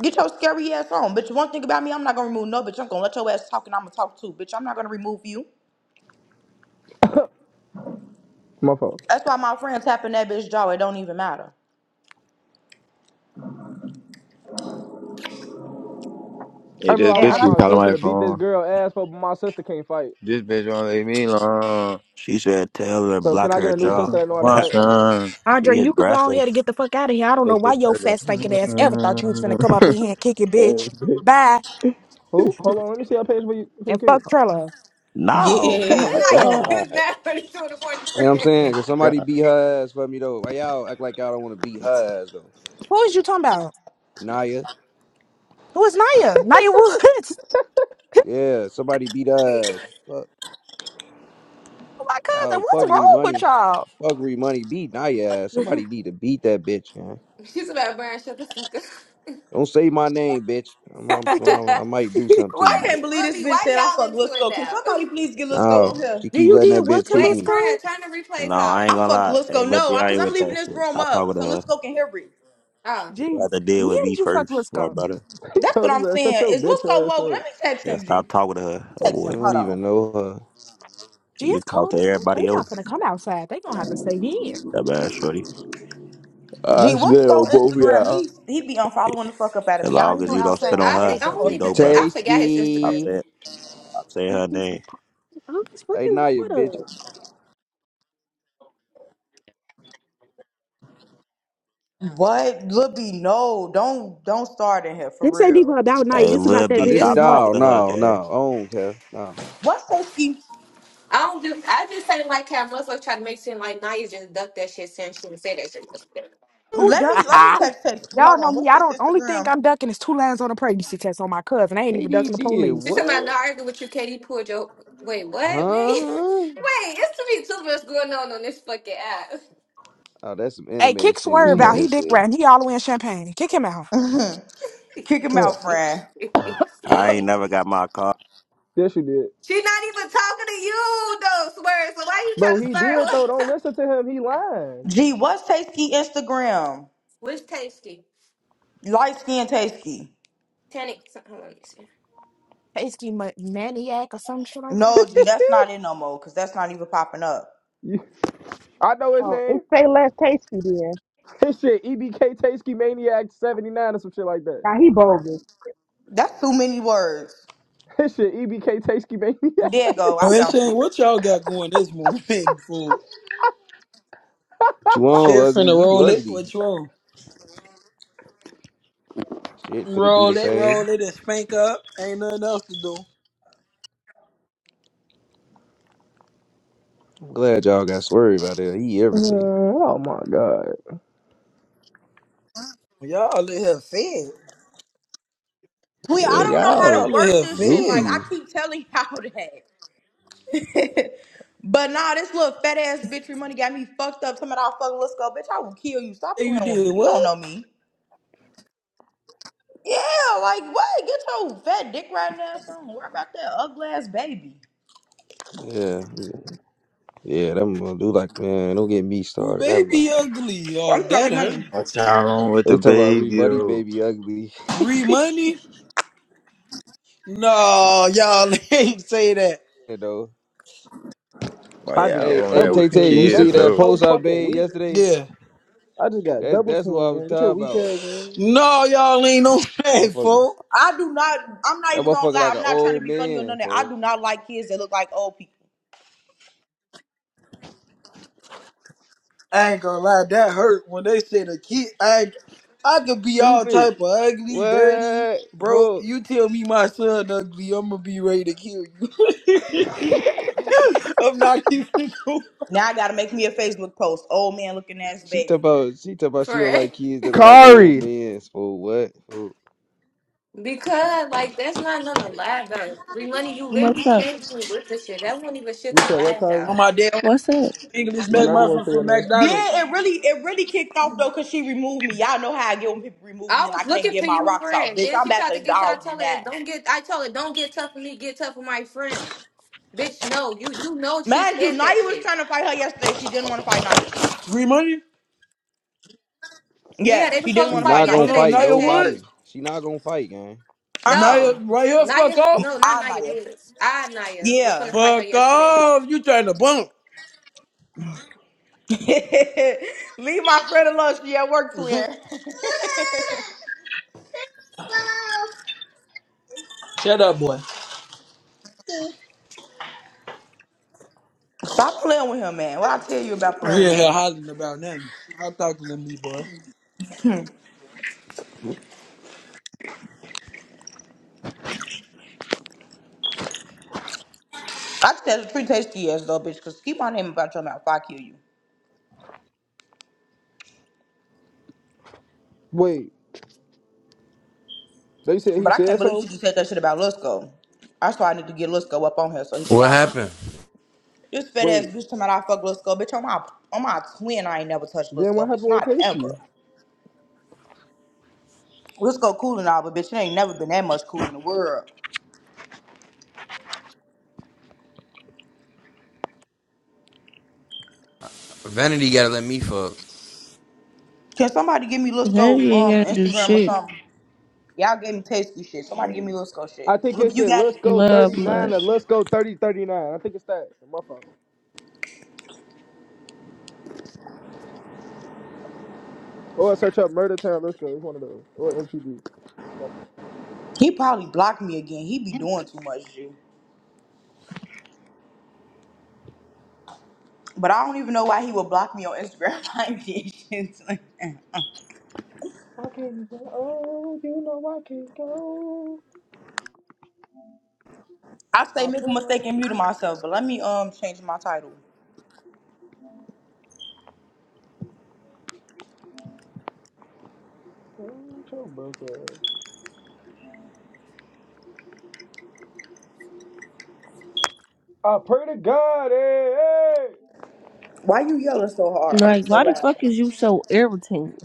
A: Get your scary ass on. Bitch, one thing about me, I'm not gonna remove no bitch. I'm gonna let your ass talk and I'm gonna talk too. Bitch, I'm not gonna remove you.
D: my fault.
A: That's why my friend tapping that bitch jaw. It don't even matter.
D: I
H: Yeah,
D: remember
H: this
D: I
F: And
H: bitch
D: wanted
H: keep
D: my
H: calling
D: sister
H: my
D: to beat this
H: phone.
D: girl ass, but my sister can't fight.
H: This bitch won't leave me alone.
E: she said, tell her
D: So can
E: block
H: This
D: I
E: her
D: get a
H: bitch
D: new
H: won't
E: jaw.
D: sister
H: come
D: that know
H: for
D: how to
H: my
D: fight?
H: son.
F: I,
E: She
F: Andre, you could go on
E: aggressive.
F: here and get the fuck out of here. I don't know
H: This
F: why
H: bitch
F: your
H: gotta go.
F: fat stinking ass ever thought you was gonna come up in here and kick your bitch.
H: This bitch-
F: Bye.
D: Who? Hold on, let me see your page for you for you
F: And
D: kick
F: fuck
D: it.
F: Trello.
G: Naya,
E: No,
H: Oh my
A: Yes.
H: god.
D: Damn!
G: it's not 22 in the morning,
I: You know
G: friend.
I: what I'm saying? Can somebody
H: God,
I: beat her ass for me though? Why y'all act like y'all don't want to beat her ass though?
F: Who is you talking about?
I: Naya,
F: Who is Naya? Naya Woods.
I: yeah, somebody beat her ass. Fuck,
F: Oh my
I: y'all,
F: cousin. What's
I: fuck re
F: wrong with
I: money,
F: y'all?
I: fuck re money. Beat Naya ass. Somebody need to beat that bitch. Man.
G: She's about to burn. Shut the fuck up.
I: Don't say my name, bitch. I'm, I'm, I'm- i might do something to
A: I
I: you.
G: Wait,
A: can't believe this
G: Libby,
A: bitch said I
G: why y'all
A: fucked
G: into it
A: Lisco. Can
G: now?
A: somebody please get
I: No,
A: Lisco on here?
I: she
F: Do
I: keep
F: you
I: letting that
F: did what
I: bitch
F: to
I: kick
G: Wait,
I: me.
F: Lusco?
G: friend, turn the replays
E: no,
G: off.
E: I ain't
A: I
E: gonna
A: fucked
E: lie. Hey,
A: Lisco.
E: Lil
A: No,
E: B, I
A: cause
E: ain't
A: I'm
E: with
A: leaving
E: that
A: this
E: shit.
A: room
E: Stop
A: up
E: talking to
A: so
E: her.
A: Lisco can hear me.
G: Oh,
F: Gee,
E: You have to
F: wh-
E: deal with
F: where
E: me
F: did you fuck
E: first,
F: with
E: my
F: Lisco?
E: brother.
D: He
A: That's what
D: told us
A: I'm
D: that. Shut
A: saying.
D: your
A: Is
D: bitch
A: Lisco
D: ass
A: woke? Let
D: up.
A: me text
E: Yeah,
A: him, G. Let
E: stop talking to her,
A: me
E: little
A: Text
I: You
A: him.
E: boy.
I: don't
A: Hold on.
I: even know her.
F: Gee,
E: You can
F: it's
E: talk
F: cold
E: to
F: as fuck. They
E: everybody
F: not
E: else.
F: gonna come outside. They gonna have to stay in.
E: That bad shorty.
I: I
A: Gee,
F: No,
A: what's
I: smell
A: go
I: both of
A: Instagram?
I: y'all.
A: He he be unfollowing the fuck up out of
E: As
A: me. I
F: we
E: long
F: ain't
A: ain't
E: as
F: go
A: do
E: you don't
A: shit
E: spit
F: outside
A: lately,
E: on
A: so
G: I
F: today,
A: I
G: think
E: her,
G: I
F: but
G: don't
E: you
A: don't
G: even
A: know.
E: know
G: think
E: better.
G: I forgot his
E: Stop
G: Instagram.
I: Tasty.
E: saying, stop saying her
F: it's
E: name.
F: oh, it's
I: Hey
F: fucking
I: Naya, bitch.
F: water.
A: What? Libby, no, don't don't start in here for
F: This ain't even
A: real.
F: about night.
E: Hey,
F: This
E: Lil
F: about that
I: Oh,
E: B,
F: bitch
I: this
G: This.
E: stop
F: remark.
E: talking
I: dog.
E: to her,
I: No,
E: gang.
I: no, I don't care. No.
A: What's Tetsky?
G: I don't do. I just say like how motherfuckers try to make it seem like Naya just ducked that shit, saying she didn't say that shit. yesterday.
F: Who
A: Let
F: ducked?
A: me let me text Tetsky.
F: Y'all
A: Hold
F: know
A: on.
F: me.
A: What's
F: I
A: his
F: don't. Only thing
A: Instagram?
F: I'm ducking is two lines on a pregnancy test on my cousin. I ain't even ducking
I: KD
F: the
I: did
F: police.
G: She talking about
I: what?
G: not arguing with you, Katie. Pulled your wait, what? Wait, wait.
I: Huh?
G: It's to be too much going on on this fucking app.
I: Oh, that's some
F: Hey,
I: animated
F: kick
I: shit. What
F: Swerve
I: she
D: No.
F: out. He
I: just
F: dick
I: said.
F: riding. He all the way in Champagne. Kick him out.
A: Mhm.
G: she
A: Kick him
D: no.
A: out,
G: not
A: friend.
E: I ain't
G: even
E: never got my car.
D: Yes, you did,
G: talking to you though, swear. So why you trying
D: bro.
G: to
D: He did
G: start
D: though. Don't
G: one?
D: listen to him. He lying.
A: Gee, what's Tasty Instagram?
G: Which tasty?
A: Light skin Tasty.
G: Tannic. Hold on, let me see.
F: Tasty ma- maniac or some shit like that.
A: No, G, that's not it no more, cause that's not even popping up.
D: You, I know his
F: Oh, it
D: name.
F: say less tasty then.
D: His shit, EBK Tasty Maniac seventy nine or some shit like that.
F: Now he bogus.
A: That's too many words.
D: His shit, EBK Tasty Maniac.
A: There you go. I
D: 79.
J: Well,
A: found
J: saying
A: it.
J: what y'all got going this morning, fool?
I: What you
J: Shit
I: on ugly?
J: finna
I: You
J: roll it.
I: ugly.
J: What you on?
I: Shit for to do the
J: Roll it,
I: same.
J: roll it, and spank up. Ain't nothing else to do.
I: I'm glad y'all got swerved about that. He
D: Uh,
I: everything.
D: oh my god!
J: Y'all in here fed.
A: Tweet,
I: Yeah,
A: I don't know how
I: y'all
A: to
J: Y'all in
A: work
J: here
A: this shit. Like
J: fed.
A: I
I: goofy.
A: keep telling y'all that. But nah, this little fat ass bitch free money got me fucked up. Talking about fucking let's go, bitch. I will kill you. Stop
J: Hey, you
A: playing with me.
J: did
A: You don't
J: what?
A: know me. Yeah, like what? Get your fat dick right now, son. Worry about that ugly ass baby.
I: Yeah, yeah. Them gonna do like man. Don't get me
J: Who
I: started. Never mind.
J: baby ugly? Oh,
A: I'm not Free
J: that hurt.
A: money.
H: what y'all on with the
I: They talk about
H: baby?
I: rebuddy
H: though?
I: baby ugly.
J: Free money? No, y'all ain't say that.
I: you know.
H: Why
D: I just
H: y'all
I: Hey,
D: got
H: on
I: hey,
H: that
D: double
I: Tay
H: with the
I: Tay.
D: teamed,
I: You
D: game. That
I: see
H: kids
D: shit's
I: that
H: though?
D: so
I: post I
D: fucking
I: made
D: weak.
I: yesterday?
J: Yeah.
D: I just got
I: That's
D: double
I: that's what I
D: teamed,
I: was
D: man. Get your
I: talking
D: weak
I: about.
D: ass, man.
J: No, y'all ain't no
I: That
J: fat,
I: motherfucker.
J: fool.
A: I do not. I'm not
I: That
A: even gonna
I: motherfucker like
A: lie.
I: an
A: I'm not trying to
I: old
A: be funny or
I: man.
A: nothing. I
I: For
A: do not like kids that look like old people.
J: I ain't gonna lie, that hurt when they said a kid. I ain't- I could be all
I: stupid.
J: type of ugly, dirty,
I: What,
J: broke.
I: bro?
J: You tell me my son ugly, I'm gonna be ready to kill you. I'm not even going.
A: Now I gotta make me a Facebook post. Old man looking ass
I: She talk
A: baby.
I: about she talk about she
G: For
I: don't
G: real.
I: like kids that are like old
D: Kari.
I: men. For what? For
G: because like that's not nothing to lie about. Free money, you literally
K: What's up?
G: came to me with the shit. That wasn't even shit
D: You
G: to
D: said
G: lie
D: what, Kari?
J: On
G: about.
J: my damn
K: What's up?
J: English
D: Man, I just want
J: McMuffin
D: to say your
J: from
D: name.
A: Then
J: McDonald's.
A: it really, it really kicked off though, cause she removed me. Y'all know how I get when people remove me
G: I
A: and I
G: was
A: can't
G: looking
A: get
G: for
A: my
G: you,
A: rocks off,
G: friend.
A: bitch.
G: Then
A: I'm
G: she
A: about
G: tried
A: to
G: to get to. I
A: dog you
G: tell her,
A: now.
G: don't get. I told her, don't get tough with me. Get tough with my friend. Bitch, no. You you know she
A: Mind you,
G: said that
A: Naya was
G: shit.
A: trying to fight her yesterday. She didn't want to fight Naya.
J: Free money?
G: Yeah,
A: Yeah,
G: they were
A: she
G: supposed
A: didn't
G: to
I: she
A: want to
G: fight
A: fight
I: not gonna
J: Hold
A: Naya.
G: yesterday,
J: on,
I: fight
G: Tay
J: Naya
G: Tay.
J: Woods?
I: nobody. She not gonna fight, gang.
J: Naya,
G: No,
A: Uh-uh.
J: right here, fuck
G: Naya. No,
J: off?
G: not
A: I
G: Naya
A: Naya.
G: Woods. I Naya was going
A: Yeah.
G: to fight her
J: Fuck
G: yesterday.
J: off! You trying to bump?
A: Leave my friend alone. She at work twin.
J: Shut up, boy.
A: Stop playing with him, man. What I tell you about
J: I'm
A: playing with
J: here, here
A: him?
J: hollering about nothing. Stop talking to me, boy.
A: I said it's pretty tasty ass though, bitch, cause keep my name about your mouth, I'll kill you.
D: Wait, they said he
A: But I can't
D: said
A: believe
D: so?
A: she just said that shit about Lusco. That's why I need to get Lusco up on here so he could die.
C: What happened?
A: This fat ass
D: Wait,
A: bitch talking about I fuck Lusco, bitch. On my on my twin, I ain't never touched
D: then what
A: Lusco, bitch.
D: happened with
A: Not
D: Tasty?
A: ever. Lisco cool and all, but bitch, it ain't never been that much cool in the world.
C: Vanity gotta let me fuck.
A: Can somebody give me Lisco
K: Henry ain't
A: um
K: going to do
A: Instagram or
K: shit.
A: something? Y'all gave me tasty shit. Somebody give me Lisco shit.
D: I think
A: Look,
D: it
A: you
D: said
A: got
D: let's
A: it.
D: go
K: Love,
D: 39
K: blood.
D: or let's go 3039." I think it's that. My fault. Or I search up Murder Town, let's go. It's one of those. Or MTV. My fault.
A: He probably blocked me again. He be doing too much, G. But I don't even know why he would block me on Instagram. I ain't getting shit. to him.
D: I can't even. Oh, you know I can't go.
A: I say
D: I
A: make a
D: put
A: mistake and
D: on.
A: mute myself, but let me um change my title.
D: Oh, your broke ass? I pray to God, hey, hey.
A: Why you yelling so hard? I'm
K: Like,
A: so
K: why the fuck
A: loud.
K: is you so irritating?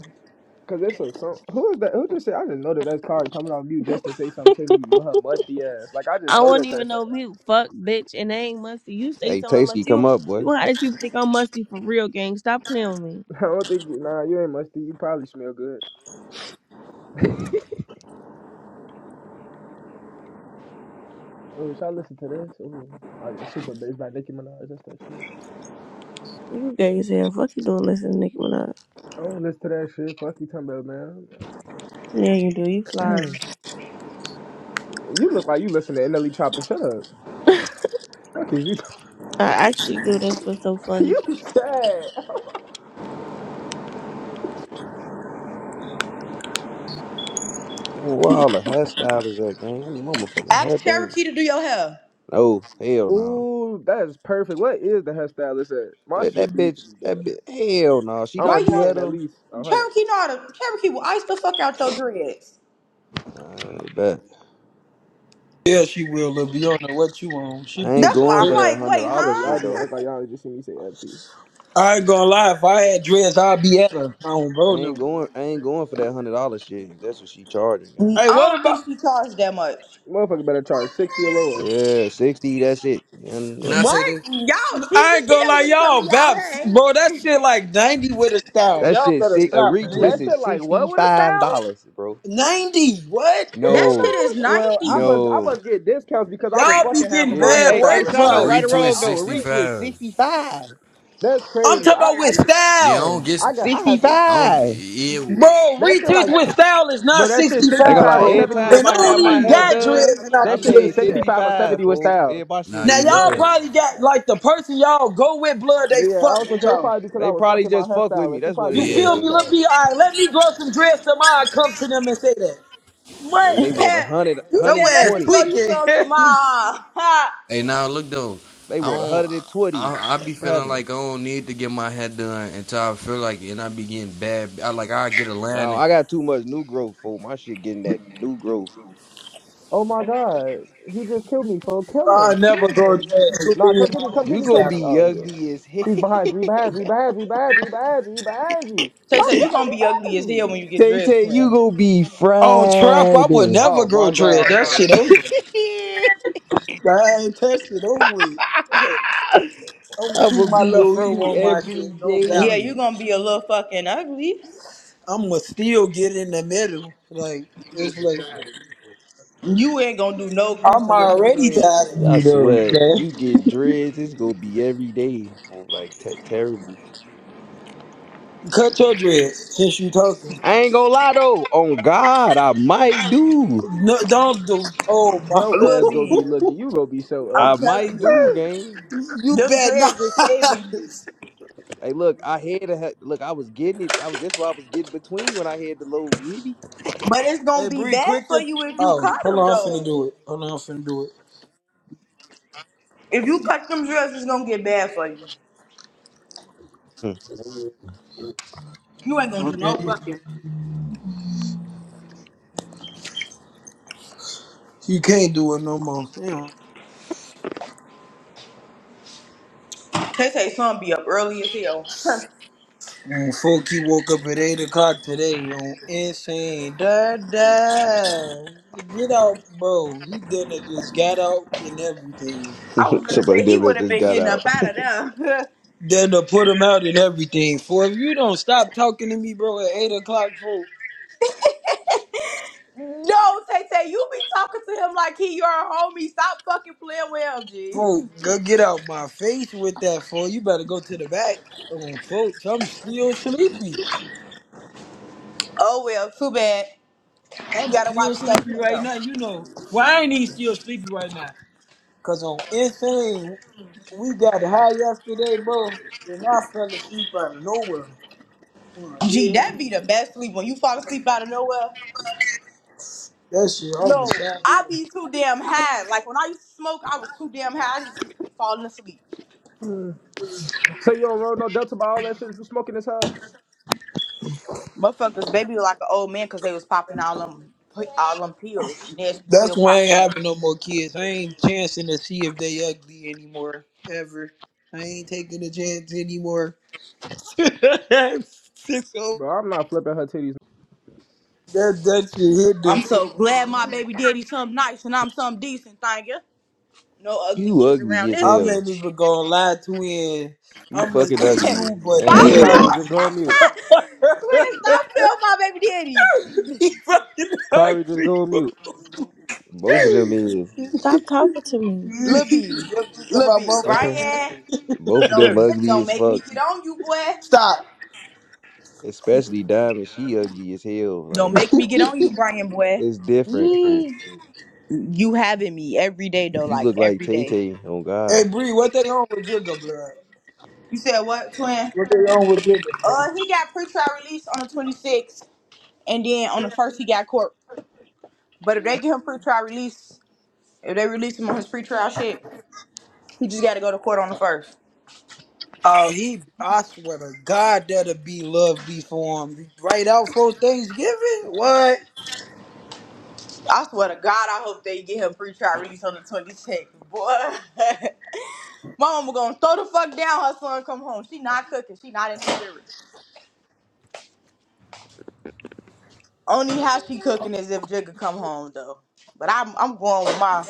D: Cause it's a song. Who is that? Who just said? I just know that that's Kari coming on mute just to say something to me with her musty ass. Like I just
K: I
D: know
K: won't
D: that
K: even
D: that's
K: know
D: her.
K: mute. Fuck, bitch, and I ain't musty. You stay
I: Hey,
K: telling I'm
I: Tasty,
K: musty.
I: come
K: You,
I: up, boy.
K: you want how these people think I'm musty for real, gang. Stop playing with me.
D: I don't think you. Nah, you ain't musty. You probably smell good. Oh, should I listen to this? Ooh, oh yeah, Super Bass by Nicki Minaj. That's that shit.
K: You gay as hell. Fuck you doing listening to Nicki Minaj.
D: I don't listen to that shit. Fuck you, talking about man.
K: Yeah, you do. You fly.
D: you look like you listen to NLE Chopper. Shut up. Fuck is you?
K: I actually do. That's what's so funny.
D: you sad?
I: Damn, where all the hairstyle is at, gang? I need my motherfucking hair
A: Ask
I: done.
A: Cherokee to do your hair.
I: No, hell no.
D: Ooh, that is perfect. What is the hairstylist at? My
I: That
D: shit
I: that
D: needs
I: bitch,
D: to be
I: that
D: done.
I: bitch, hell no. She know
A: Why
I: how
D: I'm
I: to
A: you
I: do
A: don't
I: hair
D: paying at
I: though.
D: least a hundred.
A: Cherokee know how to Cherokee will ice the fuck out your dreads.
I: I bet.
J: Yeah, she will, Lil Beyond. What you on? She
I: I
J: be
I: ain't
A: That's
J: getting
I: going
A: why I'm
I: for
J: dirty.
I: that
A: like,
I: hundred
A: wait,
D: So
I: dollar
D: y'all
I: shit
D: just gonna
I: though.
D: act like
A: huh?
D: y'all just see me say FT.
J: I ain't gonna lie. If I had dreads, I'd be at her. I don't
I: I
J: bro
I: ain't
J: no.
I: going. I ain't going for that hundred dollar shit. If that's what she charging, gang.
A: I
J: Hey, what
A: don't
J: about?
A: think she charged that much.
D: Motherfucker better charge sixty or lower.
I: Yeah, sixty. That's it. And
C: Can
I: what?
C: I say
A: What?
C: this?
A: Y'all cheap
J: I ain't
A: as
J: gonna lie,
A: hell when it comes
J: y'all
A: to y'all
J: baps,
A: hair, ain't
J: bro.
A: it?
J: That shit like ninety with a style.
I: That
J: Y'all
I: shit.
J: better
I: Six, a
J: stop
I: retwist
D: That
J: man.
D: shit
I: is
D: like
I: sixty
D: what with a
I: five
D: style?
I: dollars, bro.
J: Ninety? What?
A: That
D: Hell
I: No,
A: shit
D: no.
A: is
D: it's-
A: 90.
D: Well, I must I
A: you
I: no.
D: must get discounts because I was
J: Y'all be
D: fucking half
J: getting
D: of
I: Yeah.
D: my
J: bad
I: Hey, hey,
J: work
D: hairstylist,
C: A
D: but
I: Shano,
D: other
J: probably.
I: right or
D: than that,
C: retweet
I: wrong
D: I
I: though, a
D: don't know.
I: retwist
C: 65.
I: sixty five.
D: That's
J: I'm
D: crazy.
J: talking
D: I
J: about
D: I
J: with
D: th-
C: Yeah, I don't
J: style,
C: get.
D: I got I
I: Sixty
D: had to
C: I don't.
I: five.
C: Yeah.
J: bro.
D: that shit
J: Retweets
D: like
J: with style is not
D: bro, that shit
J: sixty
D: sixty
I: Ain't gonna
J: five,
D: five
I: lie.
D: or
J: bro.
I: Every
D: seventy with
I: time
J: And I
I: I
J: don't
D: styles,
I: got
D: I
I: my
J: even
I: hair
J: got
D: swear.
J: dreads,
I: done,
J: and I
I: I
D: That
J: can
D: should be
J: tell
I: paid
J: you that.
D: sixty
I: sixty
D: five or
I: five
D: seventy with
I: for it. Yeah,
D: styles.
I: My
C: Now
I: shit
C: nah,
J: Now
I: was
C: you know
J: y'all
I: done.
C: that.
J: probably got like the person y'all go with blood, they
D: Yeah, I
J: fuck
D: was just
J: with
D: saying it's
J: y'all.
D: probably because I
I: They
D: was
I: probably
D: fucking my
I: just fuck with me.
D: hairstylist. She
I: That's what
D: probably
I: it
J: You
D: gave me a
I: is.
J: feel me?
I: Cause
C: Yeah.
J: Let
D: discount.
J: me all right, let me grow some dreads tomorrow. I come to them and say that.
I: they they want a
A: said
I: hundred,
A: let
I: hundred
J: That ass
A: electric
I: twenty.
A: bro, you some
J: tweaking.
A: tomorrow.
C: Hey, now look though,
I: They
C: I
I: want a
C: don't.
I: hundred and twenty,
C: I, I
I: my
C: be feeling
I: brother.
C: like I don't need to get my hair done until I feel like, it, and I be getting bad. I like I get a
I: No,
C: line.
I: I got too much new growth for my shit getting that new growth.
D: Oh my god, he just killed me, folks. Kill
J: I
D: him,
J: never
D: kill
J: grow
D: him.
J: dreads. Too
D: Nah,
J: many
D: come
J: of my
D: get me, come get
I: You
D: me,
J: homies
D: come.
I: gonna
J: got
D: Get me!
I: be
D: Oh
J: 'em.
D: yeah,
I: ugly as hell.
D: he's behind you. He behind you. He behind you. He behind you. He behind you. He behind you.
A: Tay
D: Come
A: Tay, you
D: get him.
A: gonna
D: He
A: be ugly as
D: behind
A: hell
D: you.
A: when you get
I: Tay
A: dressed,
I: Tay, you
A: man.
I: gonna be
J: On trap, I
I: fried.
J: would never
D: Oh
J: grow
D: my
J: dreads.
D: god,
J: That shit
D: folks.
J: over. I ain't touched it over with. I'm gonna
I: I'ma
J: keep my
I: be
J: left
I: on
J: fro
I: you
J: on my
I: every
J: shit, no
A: Yeah,
J: doubt.
I: day.
A: you gonna be a little fucking ugly.
J: I'm gonna still get in the middle. Like it's like
A: You ain't gonna do no
J: I'm
A: creasing with them
J: already
A: dreads.
J: tired of
I: I
J: you though.
I: swear,
J: okay?
I: you get dreads, it's gonna be every day. Oh, Like te- terrible.
J: Cut your dreads since you talking.
I: I ain't gonna lie though. On God, I might do.
J: No, don't do. Oh my!
D: Yo ass
A: Lil
D: gonna be
A: B,
D: looking. You gonna be so
A: I'm
I: I
D: ugly.
I: might
A: telling you,
I: do, gang.
J: you
A: them
J: bet not.
A: dreads is saving you.
I: Hey, look, I had a look. I was getting it. I was. That's why I was getting between when I had the little yibby.
A: But it's gonna
J: hey,
A: be
J: Bree,
A: bad
J: quick
A: for
J: to.
A: you if you
J: Oh,
A: cut
J: hold
A: them
J: on, I'm finna
A: though.
J: do it. Hold on, I'm finna do it.
A: If you cut them dreads, it's gonna get bad for you. You ain't gonna do no fucking.
J: You can't do it no more.
A: Tay Tay son be up early as hell.
J: Damn. Folk, he woke up at eight o'clock today on insane. Da da. Get out, bro. He done just got out and everything.
A: I was gonna
I: Somebody
A: say he
I: damn
A: would
I: that
A: have
I: just
A: been
I: got
A: getting
I: out.
A: up out of there.
J: Done put him out and everything. For if you don't stop talking to me, bro, at eight o'clock, folk.
A: no, Tay Tay, you be talking to him like he your homie. Stop fucking playing with him, G.
J: Folk, go get out my face with that, folk. You better go to the back. Oh, folks, I'm still sleepy.
A: Oh well, too bad. You
J: I'm
A: gotta
J: still
A: watch
J: sleepy
A: nothing
J: right
A: though.
J: now. You know, why I ain't he still sleepy right now? Because on Insane, we got high yesterday, bro, and I fell asleep out of nowhere. Mm,
A: Gee, that
J: yeah.
A: be the best sleep when you fall asleep out of nowhere.
J: That shit, I was
A: No,
J: sad.
A: I
J: yeah.
A: be too damn high. Like when I used to smoke, I was too damn high. I just used to be falling asleep.
D: Mm. So you don't roll no delta by all that shit. You smoking this huff,
A: Motherfuckers, baby, like an old man, cause they was popping all them all them pills, nasty pill
J: That's why I
A: popping
J: ain't
A: that.
J: having no more kids. I ain't chancing to see if they ugly anymore, ever. I ain't taking a chance anymore. Six oh
D: bro? I'm not flipping her titties.
J: That that shit hit
A: I'm
J: different.
A: so glad my baby daddy something nice and I'm something decent, thank you. No ugly
I: You
A: kids
I: ugly
A: around
I: as
A: this
J: I
I: hell.
J: ain't
A: bitch.
J: even gonna lie to him.
I: You
J: I'ma
I: fucking
J: say
A: stop Yeah.
I: ugly.
J: you,
I: I
J: but
A: film,
I: ain't
D: Hey,
J: he
I: gonna
D: Kari,
I: lie.
D: just go
J: ugly.
D: on mute.
A: twin. Stop film, my baby daddy.
J: he fucking
D: Kari, just
J: ugly.
D: go on mute.
I: Both of them is.
K: Stop talking to me.
A: Lil B,
J: Just Look at
A: Lil
J: my
A: B,
D: Okay.
J: motherfucker,
A: Brian,
I: Both of them
A: don't
J: bitch.
A: get,
I: ugly
A: don't
I: as
A: make me
I: fuck.
A: get on you, boy.
J: Stop.
I: Especially Diamond. She ugly as hell.
A: Don't
I: Like
A: make me get on you, Brian, boy.
I: it's different. Oh,
J: Mm.
A: You having me every day though,
I: you
A: like
I: look like
A: every
I: Tay
A: day.
I: Tay. Oh God.
J: Hey Bree, what they on with Jigga, blood?
A: You said what, twin?
J: What they on with Jigga, blood?
A: Uh, he got pretrial release on the 26th, and then on the first he got court. But if they give him pretrial release, if they release him on his pretrial shit, he just got to go to court on the first.
J: Oh, he! I swear to God, that'll be lovely for him. Right out for Thanksgiving? What?
A: I swear to God, I hope they get him pretrial release on the 26th, boy. My mama gonna throw the fuck down her son come home. She not cooking. She not in the spirit. Only how she cooking is if Jigga come home though. But I'm I'm going with my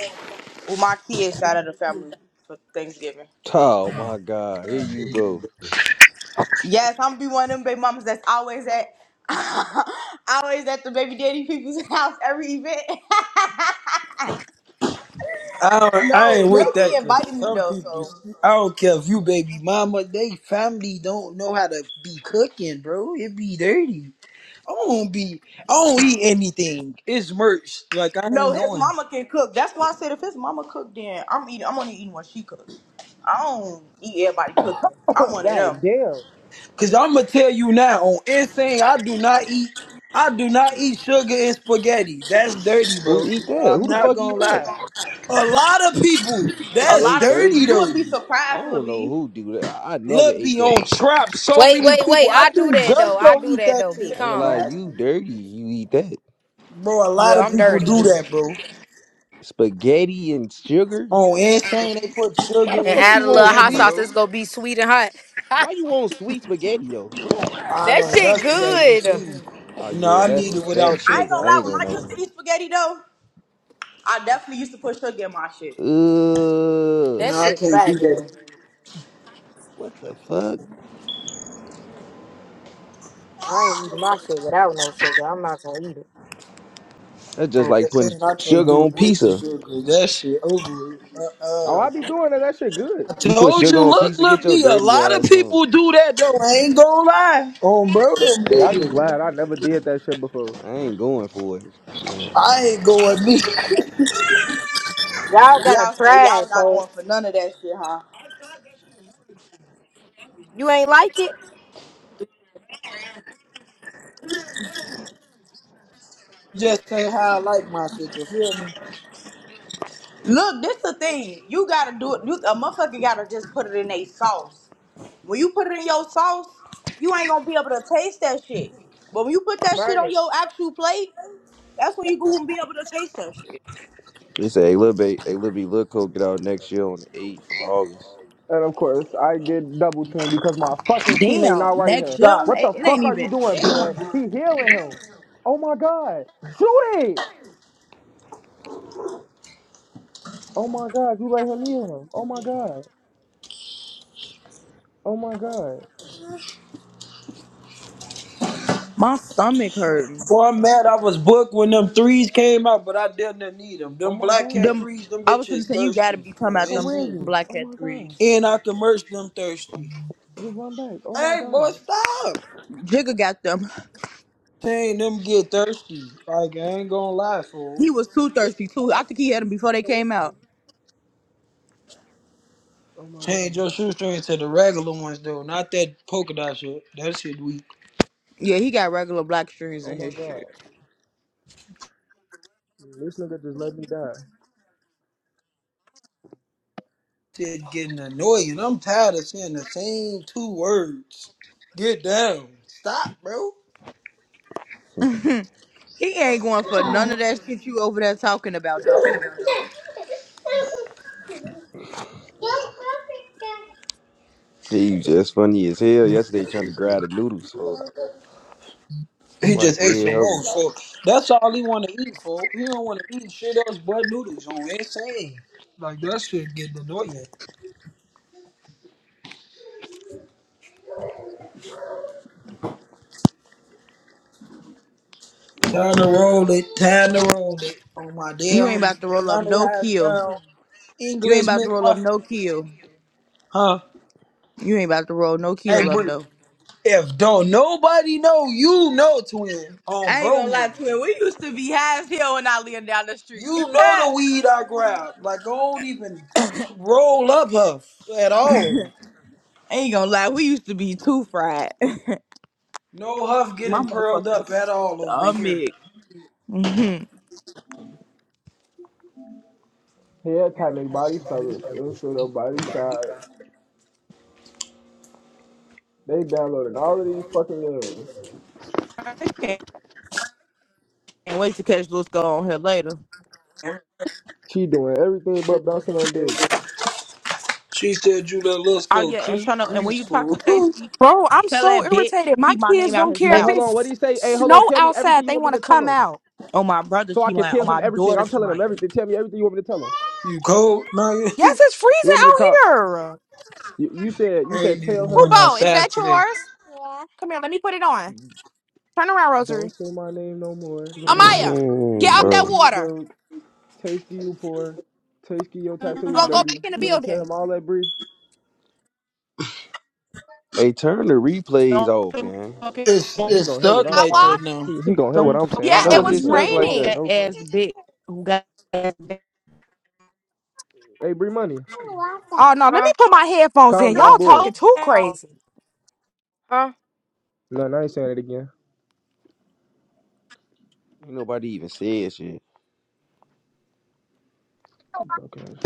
A: with my kids out of the family for Thanksgiving.
I: Oh my God. Here you go.
A: Yes, I'm be one of them baby mamas that's always at always at the baby daddy people's house every event.
J: I don't, I
A: no,
J: ain't with
A: they
J: that
A: be
J: because
A: inviting me
J: some
A: though,
J: people,
A: so
J: I don't care if you baby mama, they family don't know how to be cooking, bro. It be dirty. I don't be, I don't eat anything. It's merch. Like I
A: no,
J: ain't
A: his
J: going.
A: mama can cook. That's why I said if his mama cook, then I'm eating. I'm only eating what she cook. I don't eat everybody cooking. I'm one of
D: god
A: them.
D: damn.
J: Cause I'm gonna tell you now on insane, I do not eat. I do not eat sugar and spaghetti. That's dirty,
I: Who
J: bro.
I: eat that?
J: I'm
I: Who the
J: not
I: fuck eat
J: gonna
I: that?
J: lie. A lot of people.
A: A
I: Are
J: That's
I: they
A: lot of people,
J: dirty
A: you
I: dirty?
A: would
J: though.
A: be
I: I
A: surprised,
I: don't
A: Lil
I: know
A: B.
I: who do that. I, I never
J: Look
I: ate
J: be
I: that.
J: on trap. So
B: Wait,
J: many
B: wait,
J: people.
B: wait.
J: I
B: I do
J: think
B: that though. I
J: Justo
B: do
J: eat
B: that
J: that
B: though. Be
J: shit.
I: I ain't gonna
J: He
I: lie.
B: calm.
J: nasty.
I: You dirty. You eat that
J: Bro, a lot
B: Well,
J: of
B: I'm
J: people
B: dirty.
J: do that, bro.
I: spaghetti and sugar.
J: On Insane, they put
I: Why the
J: sugar
B: And
J: in their
I: fuck
B: add
I: you
B: a little
I: want
J: spaghetti,
B: hot
I: sweet?
B: sauce.
J: bro.
B: It's gonna be sweet and hot.
I: Why you want sweet spaghetti though? What?
J: I
B: that
J: don't.
B: shit
J: That's what I be
B: good.
J: seeing.
I: Oh
J: No,
I: yeah,
J: I
I: that's
J: need
I: some
J: it
I: fat
J: without
A: I ain't gonna
I: shit.
J: sugar.
I: I
J: I
A: lie.
I: ain't
A: When I
J: can't
I: gonna lie.
J: do
A: used
J: it.
A: to eat spaghetti though, I definitely used to put sugar in my shit.
I: Ugh.
B: That
J: No, I
B: shit
J: can't
B: fat
J: do that.
B: game.
I: What the fuck?
B: I ain't eating my shit without no sugar. I'm not gonna eat it.
I: That's just
J: On
I: like putting
J: Insane, I can't
I: sugar
J: do it
I: on
J: with the
I: pizza.
J: sugar. That shit over.
D: Oh,
J: Uh uh
D: I be doing that. That shit good.
J: I
I: You put
J: told
I: sugar
J: you,
I: on
J: look,
I: pizza, get
J: look,
I: your
J: B, a
I: dirty
J: lot of
I: ass on.
J: people do that though. I ain't gonna lie. On bro, them
D: Hey,
J: they
D: I just lied. I
J: do.
D: never did that shit before.
I: I ain't going for it. Shit.
J: I ain't going.
B: Y'all gotta
A: Y'all say
B: try
A: y'all
B: it,
A: not going
B: folks.
A: for none of that shit, huh?
B: You ain't like it?
J: just ain't how I like my shit. You feel me?
A: Look, this the thing. You gotta do it. You, a motherfucker gotta just put it in a sauce. When you put it in your sauce, you ain't gonna be able to taste that shit. But when you put that shit on
B: Right.
A: your actual plate, that's when you gonna be able to taste that shit.
I: They say a little bit, a little bit, little coke get out next year on the eighth of August.
D: And of course, I get double teamed because my fucking teammate
A: Damn,
D: not right
A: next
D: here.
A: year
J: Stop.
A: i
D: What
A: it
D: the
A: it ain't
D: fuck are you
A: even.
D: doing, blood?
A: Damn.
D: He healing him. Oh my god. Shoot it! Oh my god, you let him heal him. Oh my god. Oh my god.
A: My stomach hurting.
J: For I'm I was booked when them threes came out, but I didn't need them.
D: Oh
J: Them
D: my
J: black
D: god.
J: cat
A: Them,
J: threes, them
A: I was gonna
J: bitches
A: say you gotta
J: thirsty.
A: be talking
J: Oh,
A: about
D: Come
A: them
D: with
J: insane.
D: me.
A: black
D: Oh
A: cat
D: my god.
A: threes.
J: And I can merch them thirsty.
D: Just run back. Oh my
J: Hey, boy,
D: god.
J: stop.
A: Jigga got them.
J: Change them get thirsty. Like, I ain't gonna lie, fool.
A: He was too
D: This is
A: thirsty too. I
D: bad.
A: think he had them before they
D: Get away
A: came
D: from
A: out.
D: me. Oh my
J: Change
D: god.
J: your shoestring to the regular ones, though. Not that polka dot shit. That shit weak.
A: Yeah, he got regular black strings
D: Oh
A: in
D: my
A: his
D: god.
A: shit.
D: This nigga just let me die.
J: Shit getting annoying. I'm tired of saying the same two words. Get down. Stop, bro.
A: He ain't going for none of that shit you over there talking about though.
I: He was just funny as hell yesterday trying to grab the noodles for
J: He
I: what
J: just ate
I: dead
J: some
I: hubby.
J: more, so that's all he want to eat, folks. He don't want to eat shit else but noodles on insane. Like that shit getting annoying. Time to roll it, time to roll it. On my
A: You
J: dead
A: ain't about
J: homie,
A: to roll up
J: Donald
A: no
J: Hash
A: kill.
J: Brown,
A: You ain't
J: English
A: about to roll up
J: McMuffin,
A: no kill.
J: huh?
A: You ain't about to roll no kill
J: Hey,
A: up
J: Bree,
A: though.
J: if don't nobody know, you know, twin. On
A: I ain't
J: bro
A: gonna lie,
J: now.
A: twin. We used to be high as hell when I lived down the street.
J: You know
A: I
J: the weed I grabbed. Like, don't even roll up Huff at all.
A: ain't gonna lie, we used to be too fried.
J: No Huff
A: My
J: getting pearled up
A: motherfuckers.
J: at all over here.
A: Stomach. Mm-hmm.
D: Head type make body stomach. Infield of body size. They downloaded all of these fucking games.
A: I can't can't wait to catch Lusco on here later.
D: She doing everything but bouncing on dick.
J: She said you let us
A: Oh
J: go
A: yeah, and
J: cle-
A: Shana, and when
J: crease
A: you talk to
J: fool.
A: Tasty,
F: Bro, I'm
A: tell
F: so
A: that bitch
F: irritated. My
A: keep my
F: kids
A: name out
F: don't
A: his
F: care
D: Hey,
F: if
D: hold
A: mouth.
D: on. What
F: it's
D: do you say? Hey, hold on.
F: snow
D: Tell me
F: outside.
D: everything you
F: They
D: want me
F: want to
D: to tell
F: come
D: him,
F: out.
A: On my brother,
D: so I
A: she
D: can
A: lying. On
D: tell him
A: my
D: everything.
A: daughter,
D: I'm
A: she
D: telling him
A: lying.
D: everything. Tell me everything you want me to tell him.
J: you cold? No,
F: Yes,
J: I
F: it's
D: You
F: freezing
D: want me to call?
F: out here.
D: You, you said you said
J: ain't even
D: tell
J: went
D: him
F: Hoopo, is
J: outside
F: that
J: today.
F: yours? Yeah. Come here, let me put it on. Turn around,
D: don't
F: Rosary.
D: say my name no more.
F: Amaya, get
I: Man,
F: out that
D: Tasty,
I: bro.
D: you
F: water.
D: broke. Tasty, you poor. Tasty, your
F: You
D: tattoo is
F: gonna go
A: um,
F: back
D: dirty.
F: in the
D: You want me to tell
F: building?
D: him all that, Bree?
I: Hey, turn the replays
A: don't
I: off,
A: say
I: gang.
J: It's
D: Man, he
J: it's
D: gonna hear what
J: stuck
D: I'm
F: I
J: like that
F: walked.
D: saying.
J: now.
D: He, he gonna hear what
A: don't
D: I'm
A: talk
D: saying.
F: Yeah,
D: I
I: How
D: know the
F: it
A: about
I: was
A: me
F: was
I: it
D: replays
A: to
I: stuck
D: on. I
I: like
D: don't
I: that?
D: get
F: raining.
A: fat
D: no fuck.
A: ass bitch who got ass. bitch.
D: Hey, Bree, money.
F: Oh no, let me
B: Huh?
F: put my headphones
A: I
D: Call
F: in.
D: me.
F: Y'all
D: I'm
A: don't
D: bored.
F: talking
A: know
F: too
A: how.
F: crazy.
B: Huh?
D: No, I ain't saying it again.
I: Ain't nobody even said shit.
D: Broke ass.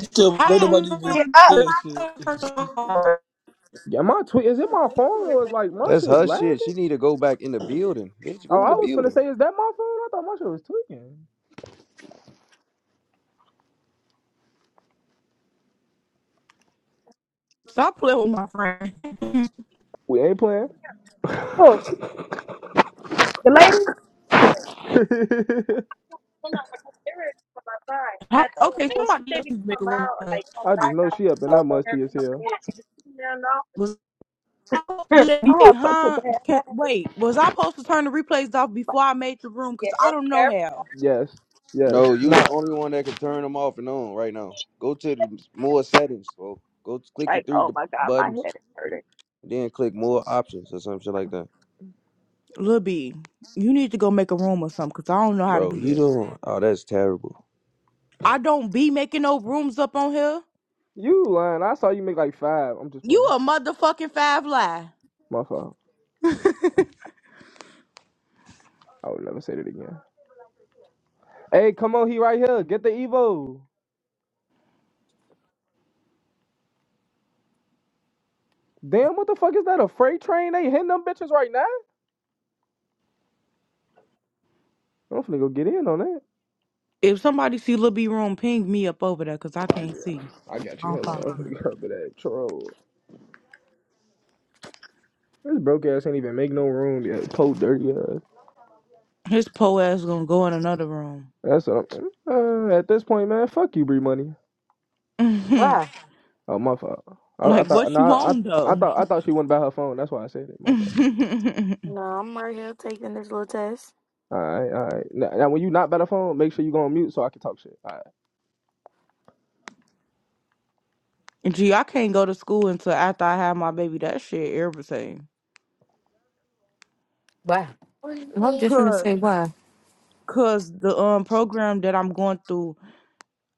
J: Still, ain't
A: How
J: nobody even
F: Get
A: do
F: up.
A: you
J: said shit.
D: Yeah, my tweet is it my phone or is like my
I: That's
D: shit
I: her
D: lagging?
I: shit. She need to go back in the building. Bitch,
D: Oh,
I: go in the
D: I was finna
I: building.
D: say, is that my phone? I thought my shit was tweaking.
A: stop playing with my friend?
D: We ain't playing.
A: I, okay, somebody else is making room.
D: I just know she up in that musty as hell.
A: Was I supposed to do that? Hey, Huh? Can't, wait, was I supposed to turn the replays off before I made the room? Cause I don't know how.
D: Yes, yes.
I: No, you the
D: Nah,
I: only one that can turn them off and on right now. Go to the more settings, bro. Go to, click the three d- buttons, then click more options or some shit like that.
A: Lil B, you need to go make a room or something. Cause I don't know how to
I: Bro,
A: do
I: you
A: this.
I: don't. Oh, that's terrible.
A: I don't be making no rooms up on here.
D: you lying. I saw you make like five. I'm just
A: You
D: playing.
A: a motherfucking five lie.
D: My fault. I would never say that again. Hey, come on, he right here. Get the Evo. Damn, what the fuck is that? A freight train? They hitting them bitches right now? I'm finna go get in on that.
A: If somebody see Lil B room, ping me up over there because I can't see.
D: I got
A: I
D: you.
A: don't
D: Hold on.
A: follow
D: I'm
A: him.
D: finna go up with that troll. This broke ass ain't even make no room yet. Poe dirty ass.
A: His po ass gonna go in another room.
D: That's what I'm, uh, at this point, man. Fuck you, Bree Money.
A: Mhm.
B: Why?
D: Oh my fault. I, I
A: like
D: thought
A: what you
D: nah,
A: want
D: I I
A: though?
D: thought I thought she wouldn't by her phone. That's why I said it. My fault.
A: Mhm.
B: No, I'm right here taking this little test.
D: All right, all right. Now, now when you not by the phone, make sure you go on mute so I can talk shit. All right.
A: Gee, I can't go to school until after I have my baby. That shit irritating.
B: Why?
G: I'm just gonna
A: Cause,
G: say why.
A: cause the um program that I'm going through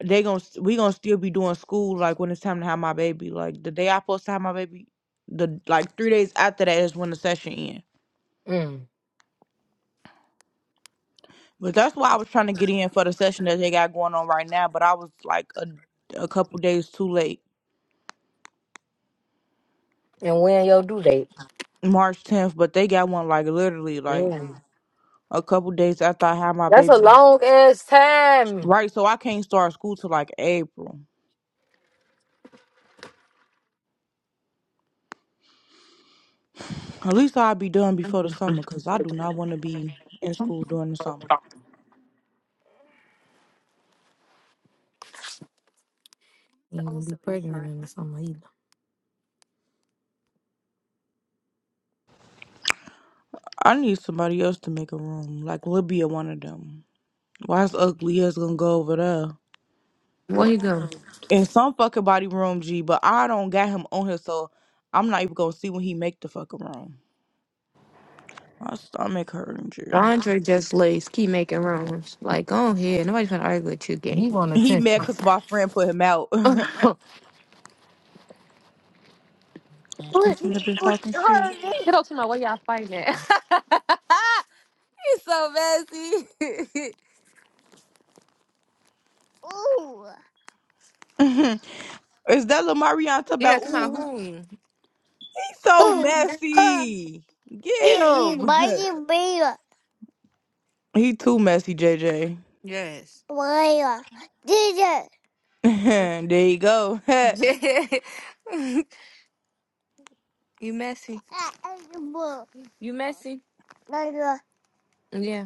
A: they gonna st- we gonna still be doing school like when it's time to have my baby. Like the day I supposed to have my baby, the like three days after that is when the session end.
B: Mm.
A: But that's why I was trying to get in for the session that they got going on right now. But I was like a a couple days too late,
B: And when your due date?
A: March tenth. But they got one like literally like
B: Yeah.
A: a couple days after I had my
B: That's a
A: baby.
B: long ass time.
A: Right, so I can't start school till like April. At least I'll be done before the summer, cause I do not want to be in school during the summer.
B: You gonna be pregnant in the summer either.
A: I need somebody else to make a room, like Libya, one of them. Why is ugly ass gonna go over there?
G: Where you go?
A: In some fucking body room, G, but I don't got him on here, so I'm not even gonna see when he make the fucking room. My stomach hurting, G.
G: Andre just lays, keep making rounds. Like, go on here. Nobody's gonna argue with you, gang.
B: You want
A: He
B: attention.
A: mad cause my friend put him out. he
G: What?
A: should have been talking shit.
G: Get off to my way y'all fighting at. It's so messy.
A: Is that Lamarion talking
G: Yeah,
A: about,
G: come
A: ooh, he's
G: on,
A: so
G: who?
A: messy. Get him.
G: Mighty beer.
A: he too messy, JJ.
G: Yes. Where? Did
A: there you go. like,
G: it? Yeah. you messy. You messy? Yeah.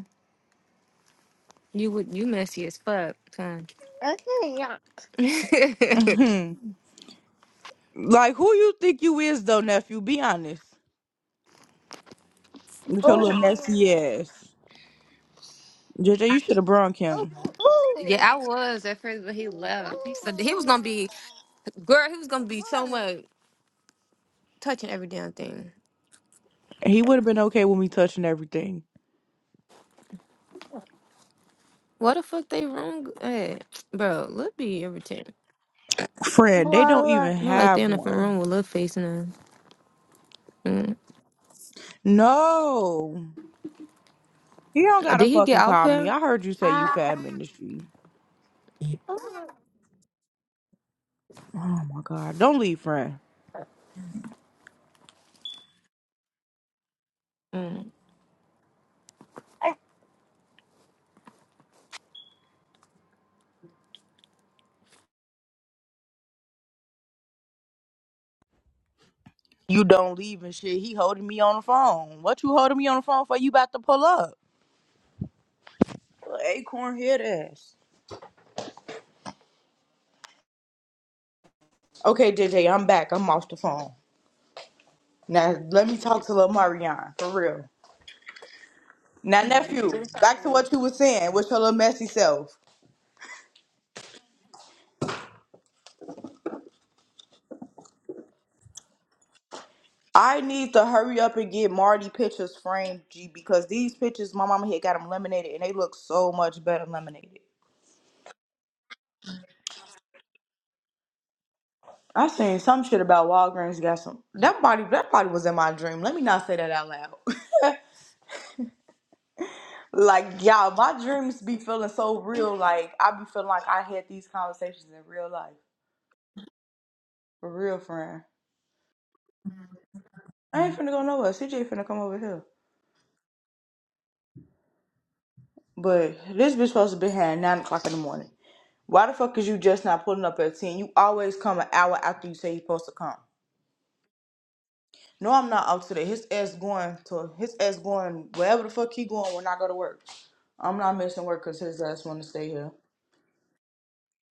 G: You would you messy as fuck, son.
A: who you think you is, though, nephew? Be honest. With your little messy ass. JJ, you should have brung him.
G: yeah, I was at first, but he left. He said he was gonna be girl, he was gonna be so much touching every damn thing.
A: He would have been okay with me touching everything.
G: What the fuck they wrong? Hey, bro, Lil be irritating.
A: Fred, they don't
G: Well,
A: even
G: Not like they
A: have
G: in the front room
A: one.
G: with Lil face in them. Mm.
A: No. He don't gotta
G: Did he get
A: fucking
G: out
A: call me.
G: here?
A: I heard you say you
G: Uh,
A: fat ministry. Oh my god. Don't leave, friend.
G: mm.
A: You don't leave and shit. He holding me on the phone. What you holding me on the phone for? You about to pull up. Little Acorn head ass. Okay, JJ, I'm back. I'm off the phone. Now let me talk to little Marianne. For real. Now nephew, back to what you was saying with your little messy self. I need to hurry up and get Marty pictures framed, G, because these pictures my mama had got them laminated and they look so much better laminated. I seen some shit about Walgreens got some. That body, that body was in my dream. Let me not say that out loud. like y'all, my dreams be feeling so real. Like I be feeling like I had these conversations in real life, for real, friend. I ain't finna go nowhere. CJ finna come over here. But this bitch supposed to be here at nine o'clock in the morning. Why the fuck is you just not pulling up at 10? You always come an hour after you say you're supposed to come. No, I'm not out today. His ass going to his ass going wherever the fuck he going when I go to work. I'm not missing work because his ass want to stay here.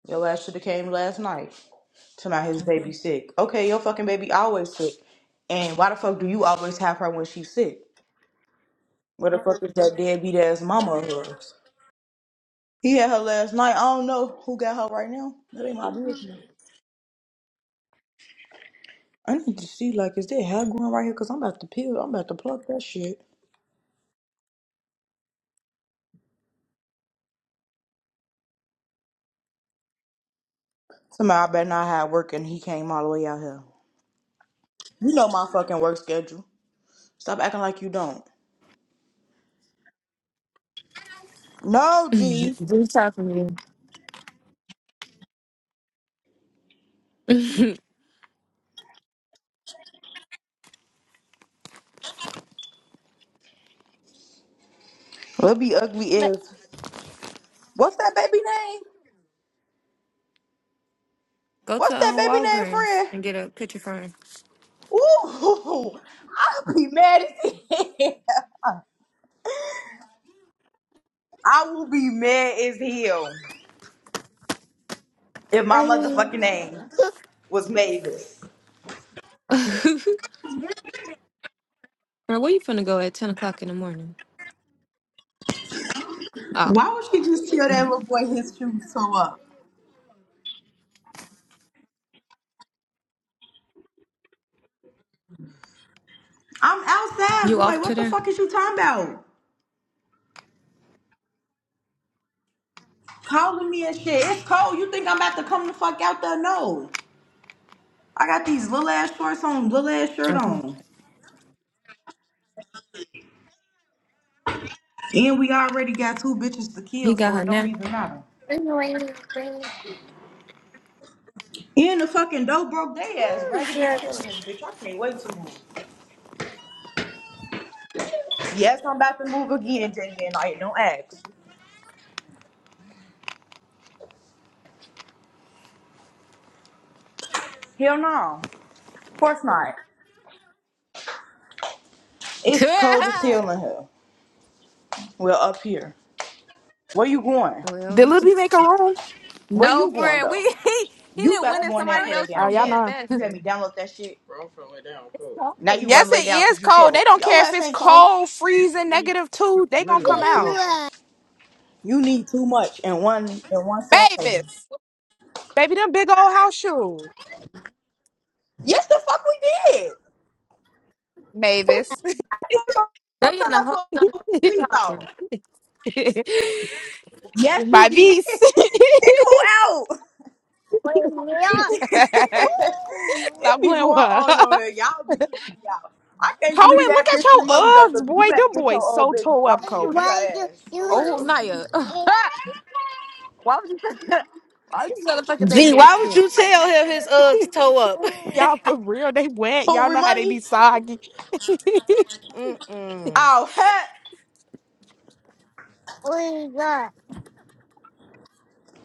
A: Your ass should have came last night. Tonight his baby sick. Okay, your fucking baby always sick. And why the fuck do you always have her when she's sick? Where the fuck is that deadbeat ass mama of hers? He had her last night. I don't know who got her right now. That ain't my business. I need to see like, is there hair growing right here? Cause I'm about to peel. I'm about to pluck that shit. Somebody I better not have work and he came all the way out here. You know my fucking work schedule. Stop acting like you don't. No, G.
G: Good talk for me.
A: Let be ugly as. What's that baby name?
G: Go
A: What's
G: to
A: that
G: um,
A: baby name,
G: Walgreens
A: friend?
G: and get a picture frame.
A: Ooh, I'll be mad as hell. I will be mad as hell if my
G: I mean,
A: motherfucking name
G: bro,
A: was Mavis.
G: where you finna go at ten o'clock in the morning? Oh,
A: Why would she just tell that little boy his shoes so up? I'm
G: you
A: outside, boy.
G: off to
A: What the
G: there?
A: fuck is you talking about? Calling me and shit. It's cold. You think I'm about to come the fuck out there? No. I got these little ass shorts on, little ass shirt
G: Okay.
A: on. And we already got two bitches to
G: He
A: kill,
G: got
A: so
G: her
A: it don't
G: now.
A: even matter. And the fucking dope broke they ass. Raggedy is killing this bitch. I can't wait to move. Yes, I'm about to move again, JJ and I don't ask. Hell no. Of course not. It's cold as hell in here. Well, up here. Where you going?
G: well,
F: Did
G: he
F: Lil B make a room?
A: Where
G: No
A: you going
G: friend, we
A: though?
G: he, he
A: You
G: didn't
A: about
G: win
A: to
G: in
A: go in there and
G: somebody
A: play that
G: else
F: Oh,
A: damn
G: room
F: y'all
A: game.
G: being
F: know.
A: You had me
G: messy.
A: download that shit. Bro, I'm finna lay down cold. Now you
F: Yes,
A: run lay
F: it
A: down
F: is
A: because you
F: cold. They
A: cold.
F: don't
A: Your
F: care if
A: ass
F: it's
A: ain't cold.
F: cold,
A: I need some
F: freezing,
A: weed.
F: negative two. They
A: I'm
F: gonna
A: ready to go
F: come
A: to
F: out,
A: sleep.
G: Ew.
A: You need too much in one in one setting.
F: babies. Baby, them big old house shoes.
A: Yes, the fuck we did.
F: Mavis.
A: I fucking Don't don't
G: They in
A: tell
G: a
A: us
G: whole nother
A: what
G: room
A: we
G: talking.
A: thought. Yes,
F: My
A: you did.
F: beast.
A: Kick who out?
G: Why
F: Stop
A: it be
F: playing
A: going
F: with her.
A: on over here. Y'all be tripping me out. I can't
F: Cohen,
A: believe
F: look
A: that
F: at
A: bitch
F: your
A: Remoney though. So
F: Uggs,
A: you
F: boy. Them
A: better get your
F: boys
A: old
F: so
A: bitch because
F: toe up,
A: I'm gonna
F: Cohen.
A: beat her
G: you,
A: ass for
G: you Oh
A: real.
G: Naya, why would you? Why would you tell a fucking baby
B: Gee,
G: that
B: why would
G: shit?
B: you tell him his Uggs toe up?
F: Y'all for real, they wet.
A: Who
F: Y'all know how they
A: Remoney?
F: be soggy. yeah,
B: Mm-mm.
A: Oh heck,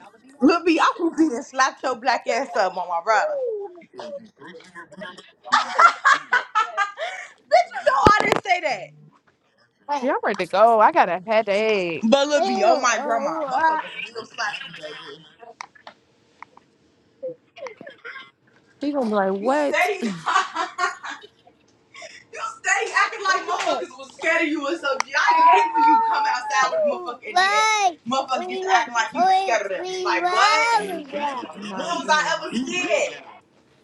F: I'm
A: look me, I will beat and slap your black ass up on my brother. Bitch, you know I didn't say that.
F: ready to go. I got a headache.
A: But Lil B, oh my grandma, motherfuckers real slapping me, baby.
G: He gonna be like,
A: You
G: what?
A: steady. You stay acting like motherfuckers was scared of you or something. I hate when you come outside with a motherfucker and then
G: why
A: motherfucker get
G: We
A: to
G: were,
A: acting like you was
G: we,
A: scared of them.
G: we were
A: Like what? When
G: good. I'm not
A: was I ever scared?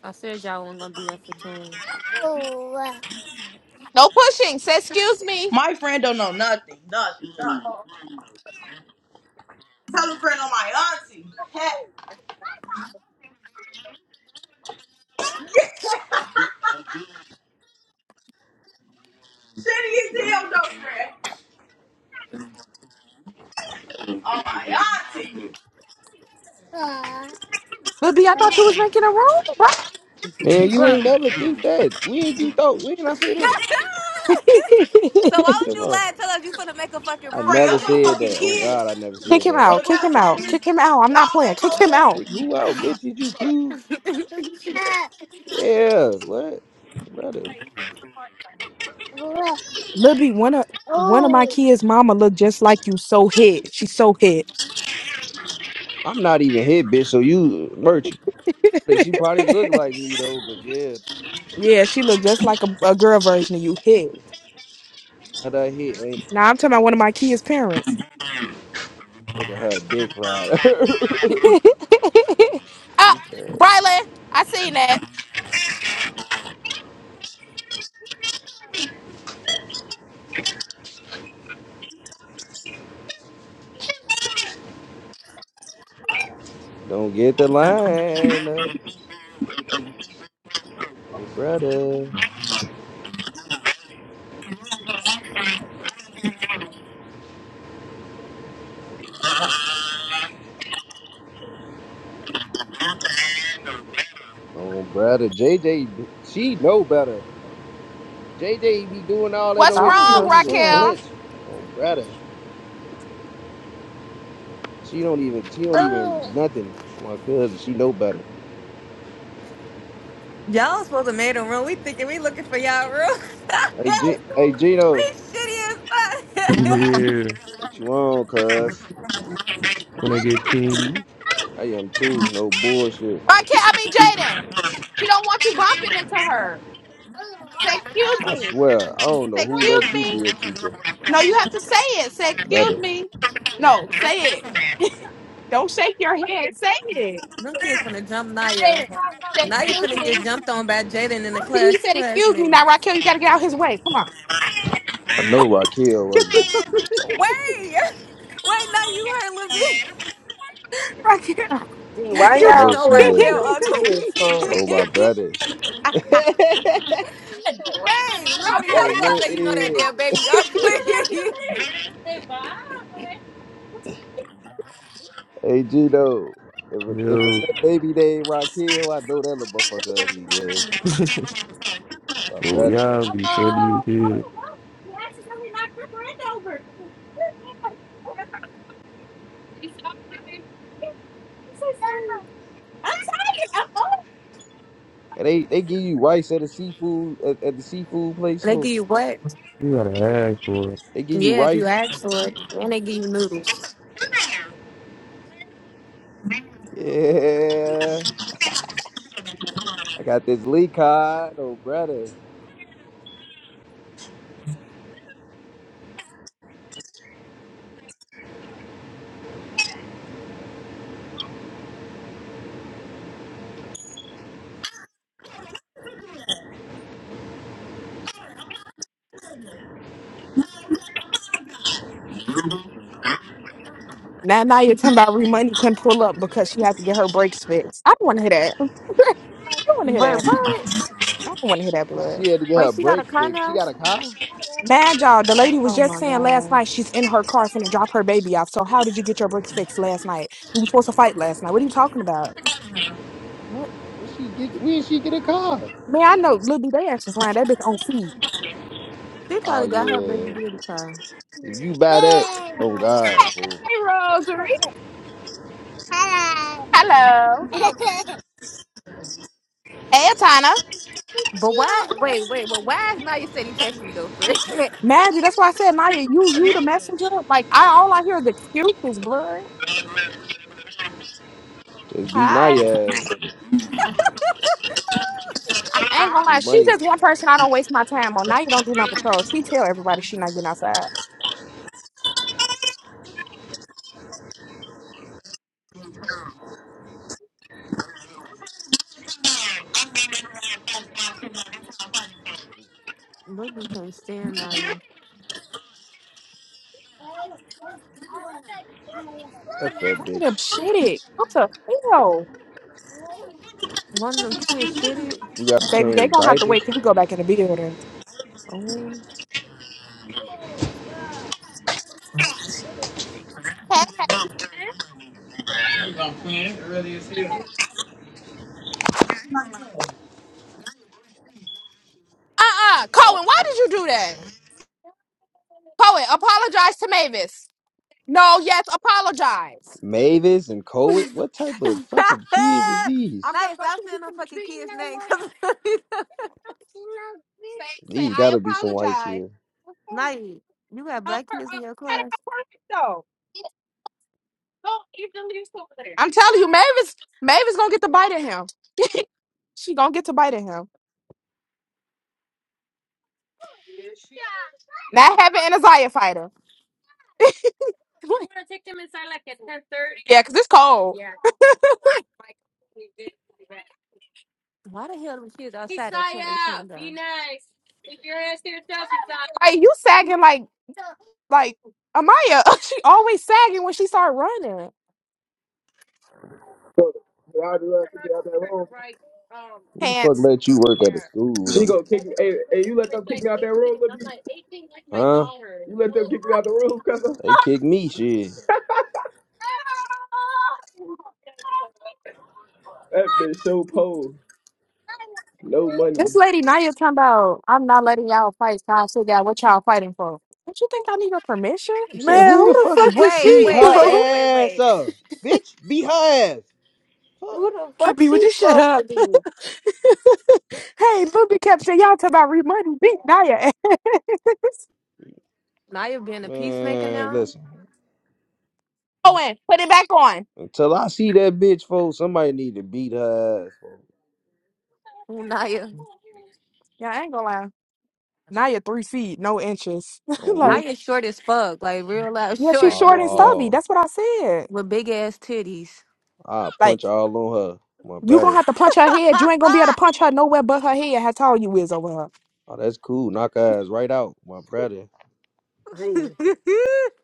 G: I said y'all weren't gonna be there for two. long. Oh,
A: My friend don't know nothing. Nothing. nothing. Tell a friend on my auntie. Heck, Shitty as hell, no friend. On my auntie.
G: uh,
F: But B, I thought you was making a room, Right,
I: Man, you
G: Bruh.
I: ain't never think that. When you thought? When I say that? What
G: so
I: you
G: why would
I: talking
G: you lie
I: about?
G: and tell us you finna make a fucking
I: I
A: Bring
G: room?
I: never
A: up her
I: said
A: fucking
I: that. On God, I
A: kids.
I: never
F: Kick
I: said
F: him
I: that.
A: Wanna
F: out.
A: go
F: Kick him
A: outside
F: out.
A: and
F: Kick him
A: just
F: out. I'm not
A: all
F: playing.
A: that
F: Kick him
A: cold
F: out.
I: Like, who out, bitch? Is you cool?
G: uh,
I: Yeah. What, brother?
G: uh,
F: Libby, one of one of my
G: oh,
F: kids' mama look just like you. So hit. She's so hit.
I: I'm not even hit, bitch. So you merchant. Like, She probably look like me though, but yeah,
F: yeah, she looked just like a, a girl version of you. Hey.
I: had her hit. Ain't you?
F: Now I'm talking about one of my kids' parents.
I: Look at her dick rider. Luca, Don't get the line, oh brother, oh brother. JJ, she know better. JJ be doing all that
F: What's
G: I
I: on here. She
G: don't
F: wrong,
I: don't
G: know
I: even
G: shit.
F: Raquel?
I: flinch, oh brother. She don't even. She don't even
G: oh.
I: nothing. My cousin, she know better.
G: Y'all supposed to made a room. We thinking we looking for y'all room.
I: Hey,
G: we
I: G- hey, Gino,
G: shitty as fuck.
L: Yeah,
I: what you on, cuz?
L: when I get king,
I: I am too. No bullshit.
F: Raquel, I mean Jaden. She don't want you bumping into her. Say excuse
I: I
F: me.
I: swear, I don't know
F: Say
I: who
F: excuse.
I: let you be a teacher.
F: No, you have to say it. Say
I: My
F: excuse
I: brother.
F: me. No, say it. Don't shake your head. Say it.
G: Them kids finna jump Naya. Naya finna get jumped on by Jaden in the
F: See, he
G: class
F: said excuse me. Now,
G: classmates.
F: Raquel, you got to get out his way. Come on,
I: I know Raquel ugly.
G: Wait, wait, now you heard Lil B.
F: Raquel.
B: Gee,
G: He
B: why
I: I
F: You.
G: trying to
B: y'all
I: know
G: know why
I: she
B: playing with
G: Kel
I: ugly.
B: them
G: ugly.
B: kids,
G: wait,
B: folks?
I: Oh my brother.
G: Lil B, how
I: oh
G: you gonna
I: look
G: say
I: Ed.
G: you know that damn baby ugly?
I: hey Gino. If a, if a
L: yo,
I: little baby named Raquel, I know that little motherfucker ugly, yeah. My
L: oh
I: brother.
L: y'all be funny as hell.
I: And they, they give you rice at a seafood at, at the seafood place
G: they give
I: for
G: you what?
L: You gotta ask for it.
I: they give you
G: Yeah, if you
I: rice.
G: ask for it, and they give you noodles.
I: Yeah. I got this Lee card, oh brother.
F: now, now you're talking about Remoney can pull up because she had to get her brakes fixed. I don't want to hear that. I don't want to hear
G: Wait,
F: that.
G: what?
F: I don't want to hear that blood.
I: She had to get
G: Wait,
I: her
G: she got a
I: brakes
G: car
I: fixed. She
G: now?
I: got a car?
F: Mad y'all. The lady was
G: Oh
F: just
G: my
F: saying last
G: god,
F: night she's in her car finna drop her baby off. So how did you get your bricks fixed last night? We were supposed to fight last night. What are you talking about?
G: what?
I: When she get when she get a car?
F: Man, I know little B they ass is lying. That bitch on feet.
G: She
I: Oh
G: probably got her baby
I: yeah.
G: daddy car.
I: If you buy that, oh God, fool.
F: Hey Rose. Hello. hey Tana.
G: But why? Wait, wait. But why is Naya said he texted me though for it?
F: Mad you, that's why I said Naya, you you the messenger. Like I all I hear is excuses, blood.
I: Just beat
F: Hi.
I: Naya.
F: I ain't gonna
I: We
F: lie, she
I: money.
F: just one person I don't waste my time on. Now you don't do no patrols. She tell everybody she not getting outside.
G: Nobody can stand Naya.
I: That fat
F: One of them
I: bitch.
F: shitty. What the hell?
G: One of them kids shit it.
I: You gotta
F: Baby, they
I: change
F: gonna have to wait
I: diapers.
F: till he go back in the building.
G: Oh.
A: air?
F: Uh-uh. Cohen, why did you do that? Cohen, apologize to Mavis. No, yes, apologize.
I: Mavis and Coet. What type of fucking kids is
F: I'm
I: these?
F: gonna
G: Naya,
F: go
G: stop
F: see if he
G: saying no
F: can
G: fucking kids' name.
F: you
G: Cause
F: Say, say,
I: These
F: I
I: gotta be some white
F: apologize.
I: kids.
G: Naya, you got
F: Help
G: black
F: her
G: kids in
F: up.
G: your
F: Gotta
G: class.
F: help her up, though. Don't even leave over there. I'm telling you, Mavis, Mavis gonna get to bite at him. she gonna get to bite at him. Not having an Isaiah fighter. yeah, cause it's cold. Yeah.
G: Why the hell the kids outside at ten eighteen done?
F: Like you sagging like like Amaya. she always sagging when she start running.
D: Bro, y'all do that, kick me out that room.
I: Who the fuck
F: Pants.
I: let you work at a school
D: She
I: though?
D: gonna kick me. Hey, hey, you let them kick me out that room, Libby.
I: Huh?
D: You let them kick me out the room, cuz
I: They kick me shit.
D: that bitch so poor. No
F: This
D: money.
F: lady Naya talking about I'm not letting y'all fight. So I still got what y'all fighting for. Don't you think I need your permission?
I: I'm saying
B: Man,
I: who
B: who
I: the
B: the
I: fuck is-
B: fuck is
G: Wait,
I: beat
B: she,
G: wait,
I: her
G: wait,
B: folks?
G: wait,
I: ass
G: wait.
I: up? Bitch, beat her ass. Fuck.
B: Who the fuck
F: Libby, would
B: she
F: you shut
B: supposed to
F: up?
B: be?
F: Hey, Luby kept saying, y'all talking about remoney. Beat Naya.
G: Naya being a peacemaker
I: Man,
G: now.
I: listen.
F: Owen, put it back on.
I: Until I see that bitch, folks, somebody need to beat her ass. folks.
G: Ooh, Naya,
F: Yeah, I ain't gonna lie. Naya three feet, no inches.
I: On Rick.
F: like,
G: Naya short as fuck, like real loud
F: yeah, she's
G: short,
F: short and
G: literally,
F: stubby.
I: Oh,
F: That's what I said.
G: with big ass titties.
I: I
F: Like,
I: punch all on her, my
F: you gonna
I: brother.
F: have to punch her head. You ain't gonna be able to punch her nowhere but her head. How tall you is over her.
I: Oh, that's cool. Knock her ass right out, my brother.
B: Gee,
G: oh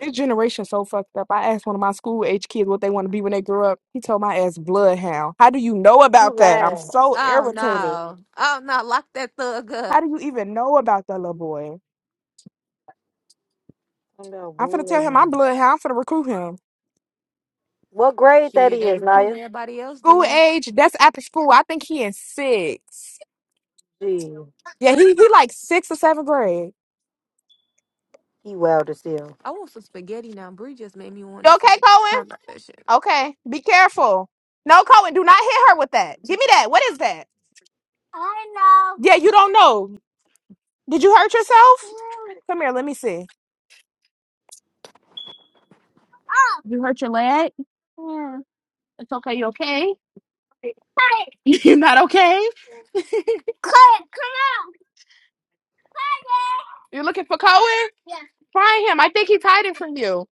F: This generation so fucked up. I asked one of my school age kids what they want to be when they grow up. He told my ass bloodhound. How do you know
B: you
F: about that? I'm
B: lying.
F: so irritated.
G: no, oh no, lock that thug up.
F: How do you even know about that little boy?
B: I'm about
F: I'm finna tell
B: blood
F: him
B: on
F: I'm
B: you.
F: bloodhound. I'm finna recruit him.
B: What grade that
G: Shit, they
B: is,
G: recruiting
B: Naya?
G: everybody else.
F: School
G: Then
F: age, that's after school. I think he in six.
B: Gee,
F: Yeah, he, he like six or seventh grade.
B: he wild as hell.
G: I want some spaghetti now. Bree just made me want
F: You okay,
G: something.
F: Cohen?
G: Talking about that shit.
F: Okay. Be careful. No, Cohen, do not hit her with that. Give me that. What is that? I don't know. Yeah, you don't know. Did you hurt yourself? No. Come here, let me see. You're not okay? You're looking for Cohen? Find him. I think he's hiding from you.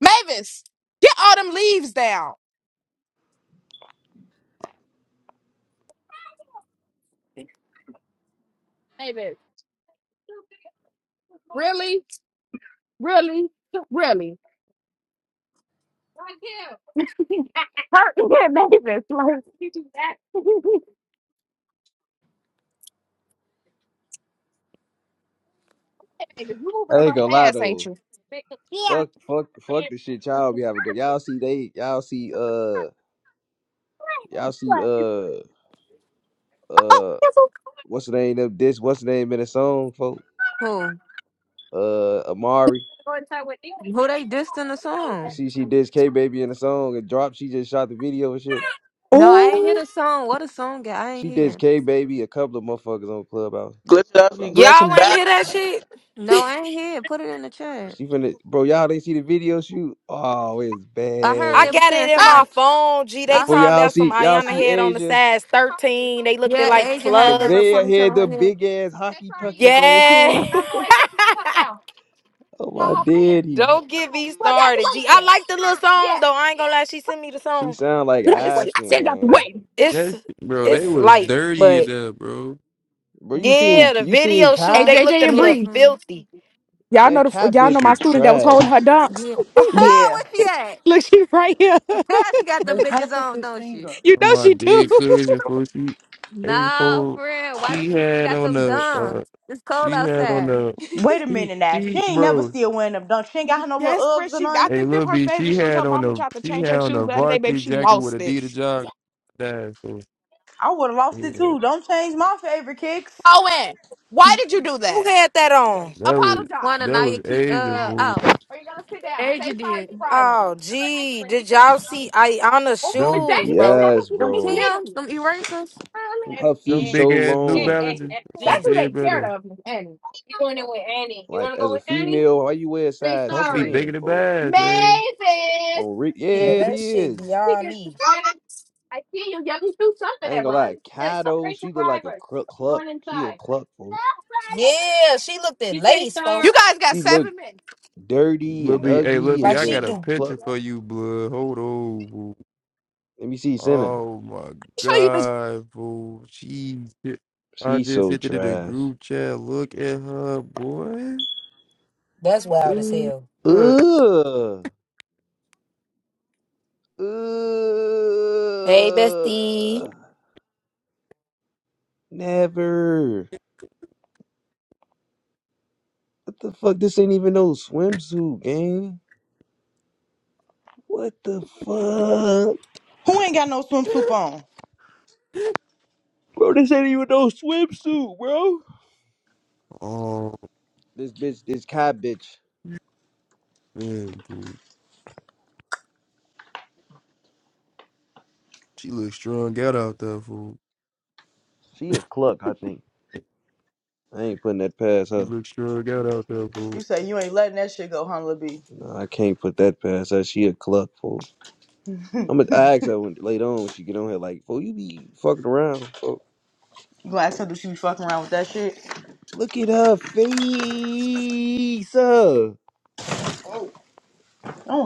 F: Mavis, get all them leaves down. Mavis, really? Really? Really? Hurt Mavis. Like, you do that. Hey, you're moving
I: I
F: a
I: ain't
F: little
I: gonna lie
F: fast, ain't
I: though.
F: you? Yeah.
I: Fuck, fuck, fuck the shit y'all be having good. Y'all see they, y'all see uh, y'all see uh, uh, what's the name of this? What's the name in the song, folks?
G: Who?
I: Uh, Amari.
G: Who they dissed in the
I: You
G: song?
I: see, she did K Baby in the song and dropped. She just shot the video and shit.
G: No,
F: Oh.
G: I ain't hear
F: Ooh.
G: the song. What a song, guy. I ain't
I: She did
G: hear.
I: K Baby a couple of motherfuckers on Clubhouse.
M: Glitch up, you
B: Y'all
M: glitching
B: ain't
M: back.
B: hear that shit?
G: No, I ain't hear. Put it in the chat.
I: She finna, bro. Y'all didn't see the video shoot. Oh, it's
G: I heard
B: I
G: they
I: bad.
G: were
B: got
G: saying
B: it in
G: somebody.
B: my phone. Gee, they
G: I
I: For
G: heard.
B: talking
I: y'all
B: about some
I: see, y'all
B: Ayana
I: see
B: head on the
I: Asia.
B: size 13. They looked at
G: Yeah,
B: like
G: Asia had that little
B: plugs.
I: Nevaeh had
G: ponytail
I: the
G: on her head.
I: big ass hockey puckies. Oh,
B: Yeah.
I: oh my daddy.
B: Don't get me started. G, I like the little
F: Yeah.
B: song though. I ain't gonna lie. She sent me the
I: She
B: song.
I: sound like
F: Get out the
B: It's
F: way. I
I: Aspen
F: said get out the
I: gang.
F: way.
L: That
B: it's
L: shit, bro, they
B: it's
L: was
B: light,
L: dirty
B: but
L: enough, bro.
I: Bro, you seen
B: yeah, the
I: you seen
B: video shoot
F: Hey,
I: Kai?
B: they
F: JJ
B: looked at
F: and
B: a
G: Yeah,
B: little
F: Bree.
G: from
B: filthy.
F: Y'all know
I: That
F: the
I: Kai
F: y'all know
I: bitch
F: my
I: was
F: student that was
I: trash.
F: holding her dunks.
G: yeah. Where
A: Yeah.
G: she at?
F: Look, she right here.
G: she got them
A: but try to
G: bitches on, don't she?
F: You
L: On
F: know
L: my
F: she do.
L: dead cousin, for she, April,
G: No, friend. Why
L: she
G: don't you still
L: had
G: got
L: on
G: them
L: a,
G: dumbs?
L: uh,
G: It's cold
L: she had on
G: outside.
L: a,
A: Wait a
L: she,
A: minute now. She
L: she,
A: ain't never
L: bro,
A: still wearing them dunks. She ain't got her no little
F: yes, Bree.
A: Uggs or
F: She I
A: nothing.
L: hey,
F: think them
L: little
F: her
L: B,
F: favorite
L: she
F: shoes.
L: had
F: Her
L: on
F: mama
L: a,
F: tried to
L: she
F: change
L: had
F: her
L: on
F: shoes
L: a
F: the other day, baby.
L: varsity
F: She
L: jacket with
F: lost it.
L: Adidas joggers. That, so,
A: I would have lost it
L: yeah,
A: too. Don't change my favorite kicks.
F: Owen, why did you do
B: Who
F: that?
B: had that on?
L: that was,
G: One
F: Apologize.
G: of
L: that
G: Naya
L: was
G: keep
L: age of
G: uh
F: Yes.
G: oh,
F: Are you gonna sit down?
G: Asia
F: Say sorry to
G: did.
F: Rylan.
B: Oh, gee, did y'all see Ayana's
F: Oh,
L: them.
F: Miss Jackie
B: shoes,
F: said we're
B: bro?
F: gonna put
I: Yes,
F: you in
G: Them
F: this
I: bro.
G: Tim's,
F: meeting.
G: them erasers.
I: Her feet
L: Them big
I: so
L: ass New
I: long, bro.
L: Balances. My
F: That's
B: Gee,
F: who
L: dead
F: they scared
L: brother.
F: of, Miss Annie.
I: Like as a female, why you wear a size
L: Her feet
I: ten,
L: bigger than
I: bro?
L: bass, man.
I: On Rick, yeah,
B: yeah,
I: it
B: that shit
I: is.
B: beyond me.
I: I ain't gonna lie, Kato, she look like a cluck cluck. She a cluck fool.
B: Yeah, she looked at lace,
F: You
B: folks,
F: guys got
I: She look
F: seven minutes.
I: dirty
L: Lil
I: and
L: B, hey, Lil
I: ugly
L: B,
I: and
B: like
L: I
B: she
L: got
I: just
L: a
B: do.
I: cluck.
L: picture for you, blood. Hold on, boo.
I: Let me see Senna.
L: Oh my
F: Show you. the
L: God, boo. Jeez. I
I: She
L: just
I: so
L: hit it in the
I: trash.
L: group chat. Look at her, boy.
B: That's wild as hell.
L: Uh,
I: Ugh.
B: Hey, bestie.
I: Ugh. Never. What the fuck? This ain't even no swimsuit, gang. What the fuck?
A: Who ain't got no swimsuit on?
I: Bro, this ain't even no swimsuit, bro.
L: oh,
I: This bitch, this Kai bitch.
L: man, boo. She looks strung out out there, fool.
I: She a cluck, I think. I ain't putting that past
L: She
I: her.
L: looks strung out out there,
A: You
L: fool.
A: say you ain't letting that shit go, huh, Lil B?
I: Nah, I can't put that past her. She a cluck fool. I'm gonna I ask her when later on when she get on here like, fool, you be fucking around, fool.
A: You gonna ask her do she be fucking around with that shit?
I: Look at her face. Huh?
A: Don't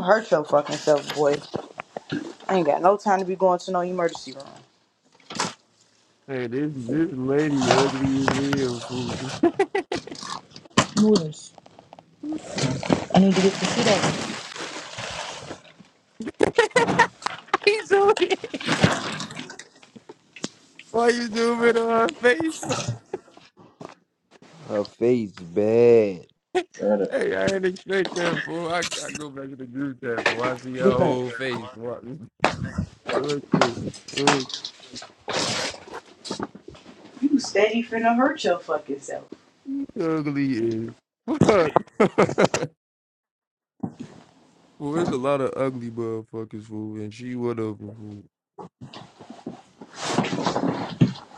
A: hurt your fucking self, boy. I ain't got no time to be going to no emergency room.
L: Hey, this this lady ugly as hell, fool.
A: Noodles. I need to get to shit out.
L: He's doing Why you doing it on her face?
I: Her face bad.
L: Hey, I ain't not expect that, fool. I, I go back to the group chat, fool. I see your
A: Get that.
L: whole face, fool. What you look,
A: You steady finna hurt your fucking self.
L: you ugly is fuck. well, it's a lot of ugly motherfuckers, fool, and she whatever fool.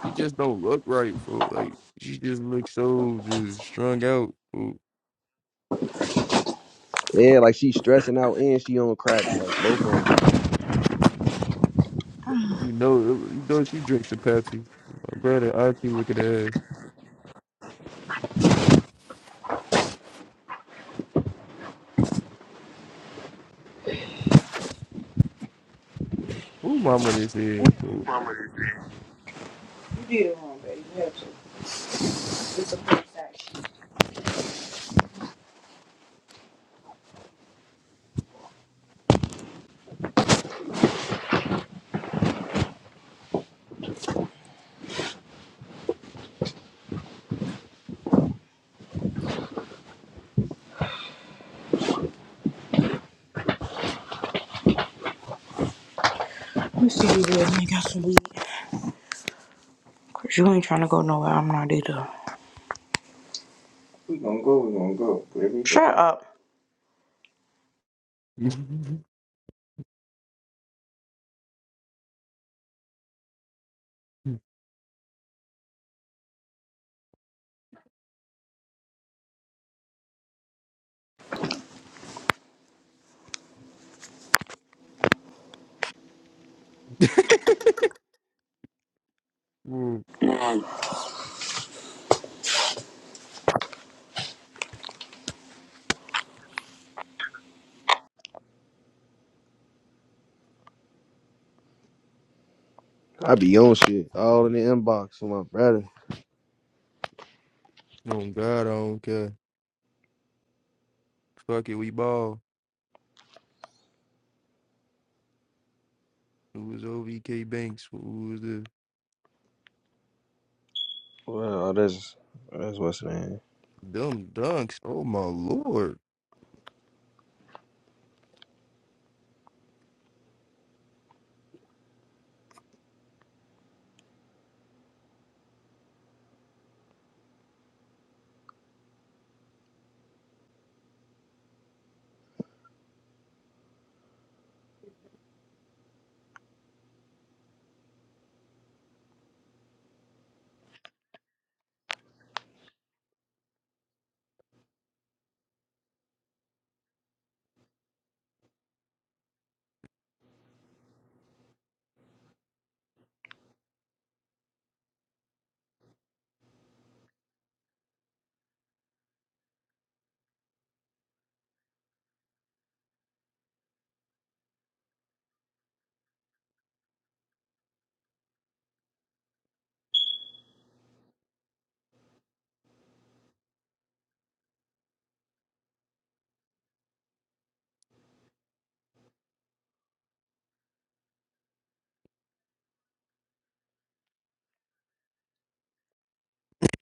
L: She just don't look right, fool. Like she just looks so just strung out, fool.
I: Yeah, like she stressing out and she on crack, like both of them.
L: You know, you know she drinks a Pepsi. My brother, I keep looking at ass. Who mama this is,
A: You did it wrong, baby. You had to. It's a full shit. Let me see if you ain't got some weed. Cause you ain't trying to go nowhere. I'm not either. We gonna go. We gonna go. Wherever you go. Shut up.
L: fool? Mm.
I: I be on shit all in the inbox with my brother.
L: Oh God, I don't care. Fuck it, we ball. It was OVK Banks. Who was the
I: Well, that's that's what's his name.
L: dumb dunks? Oh my lord.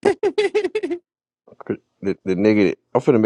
I: Cr- The, the nigga. that- I'm finna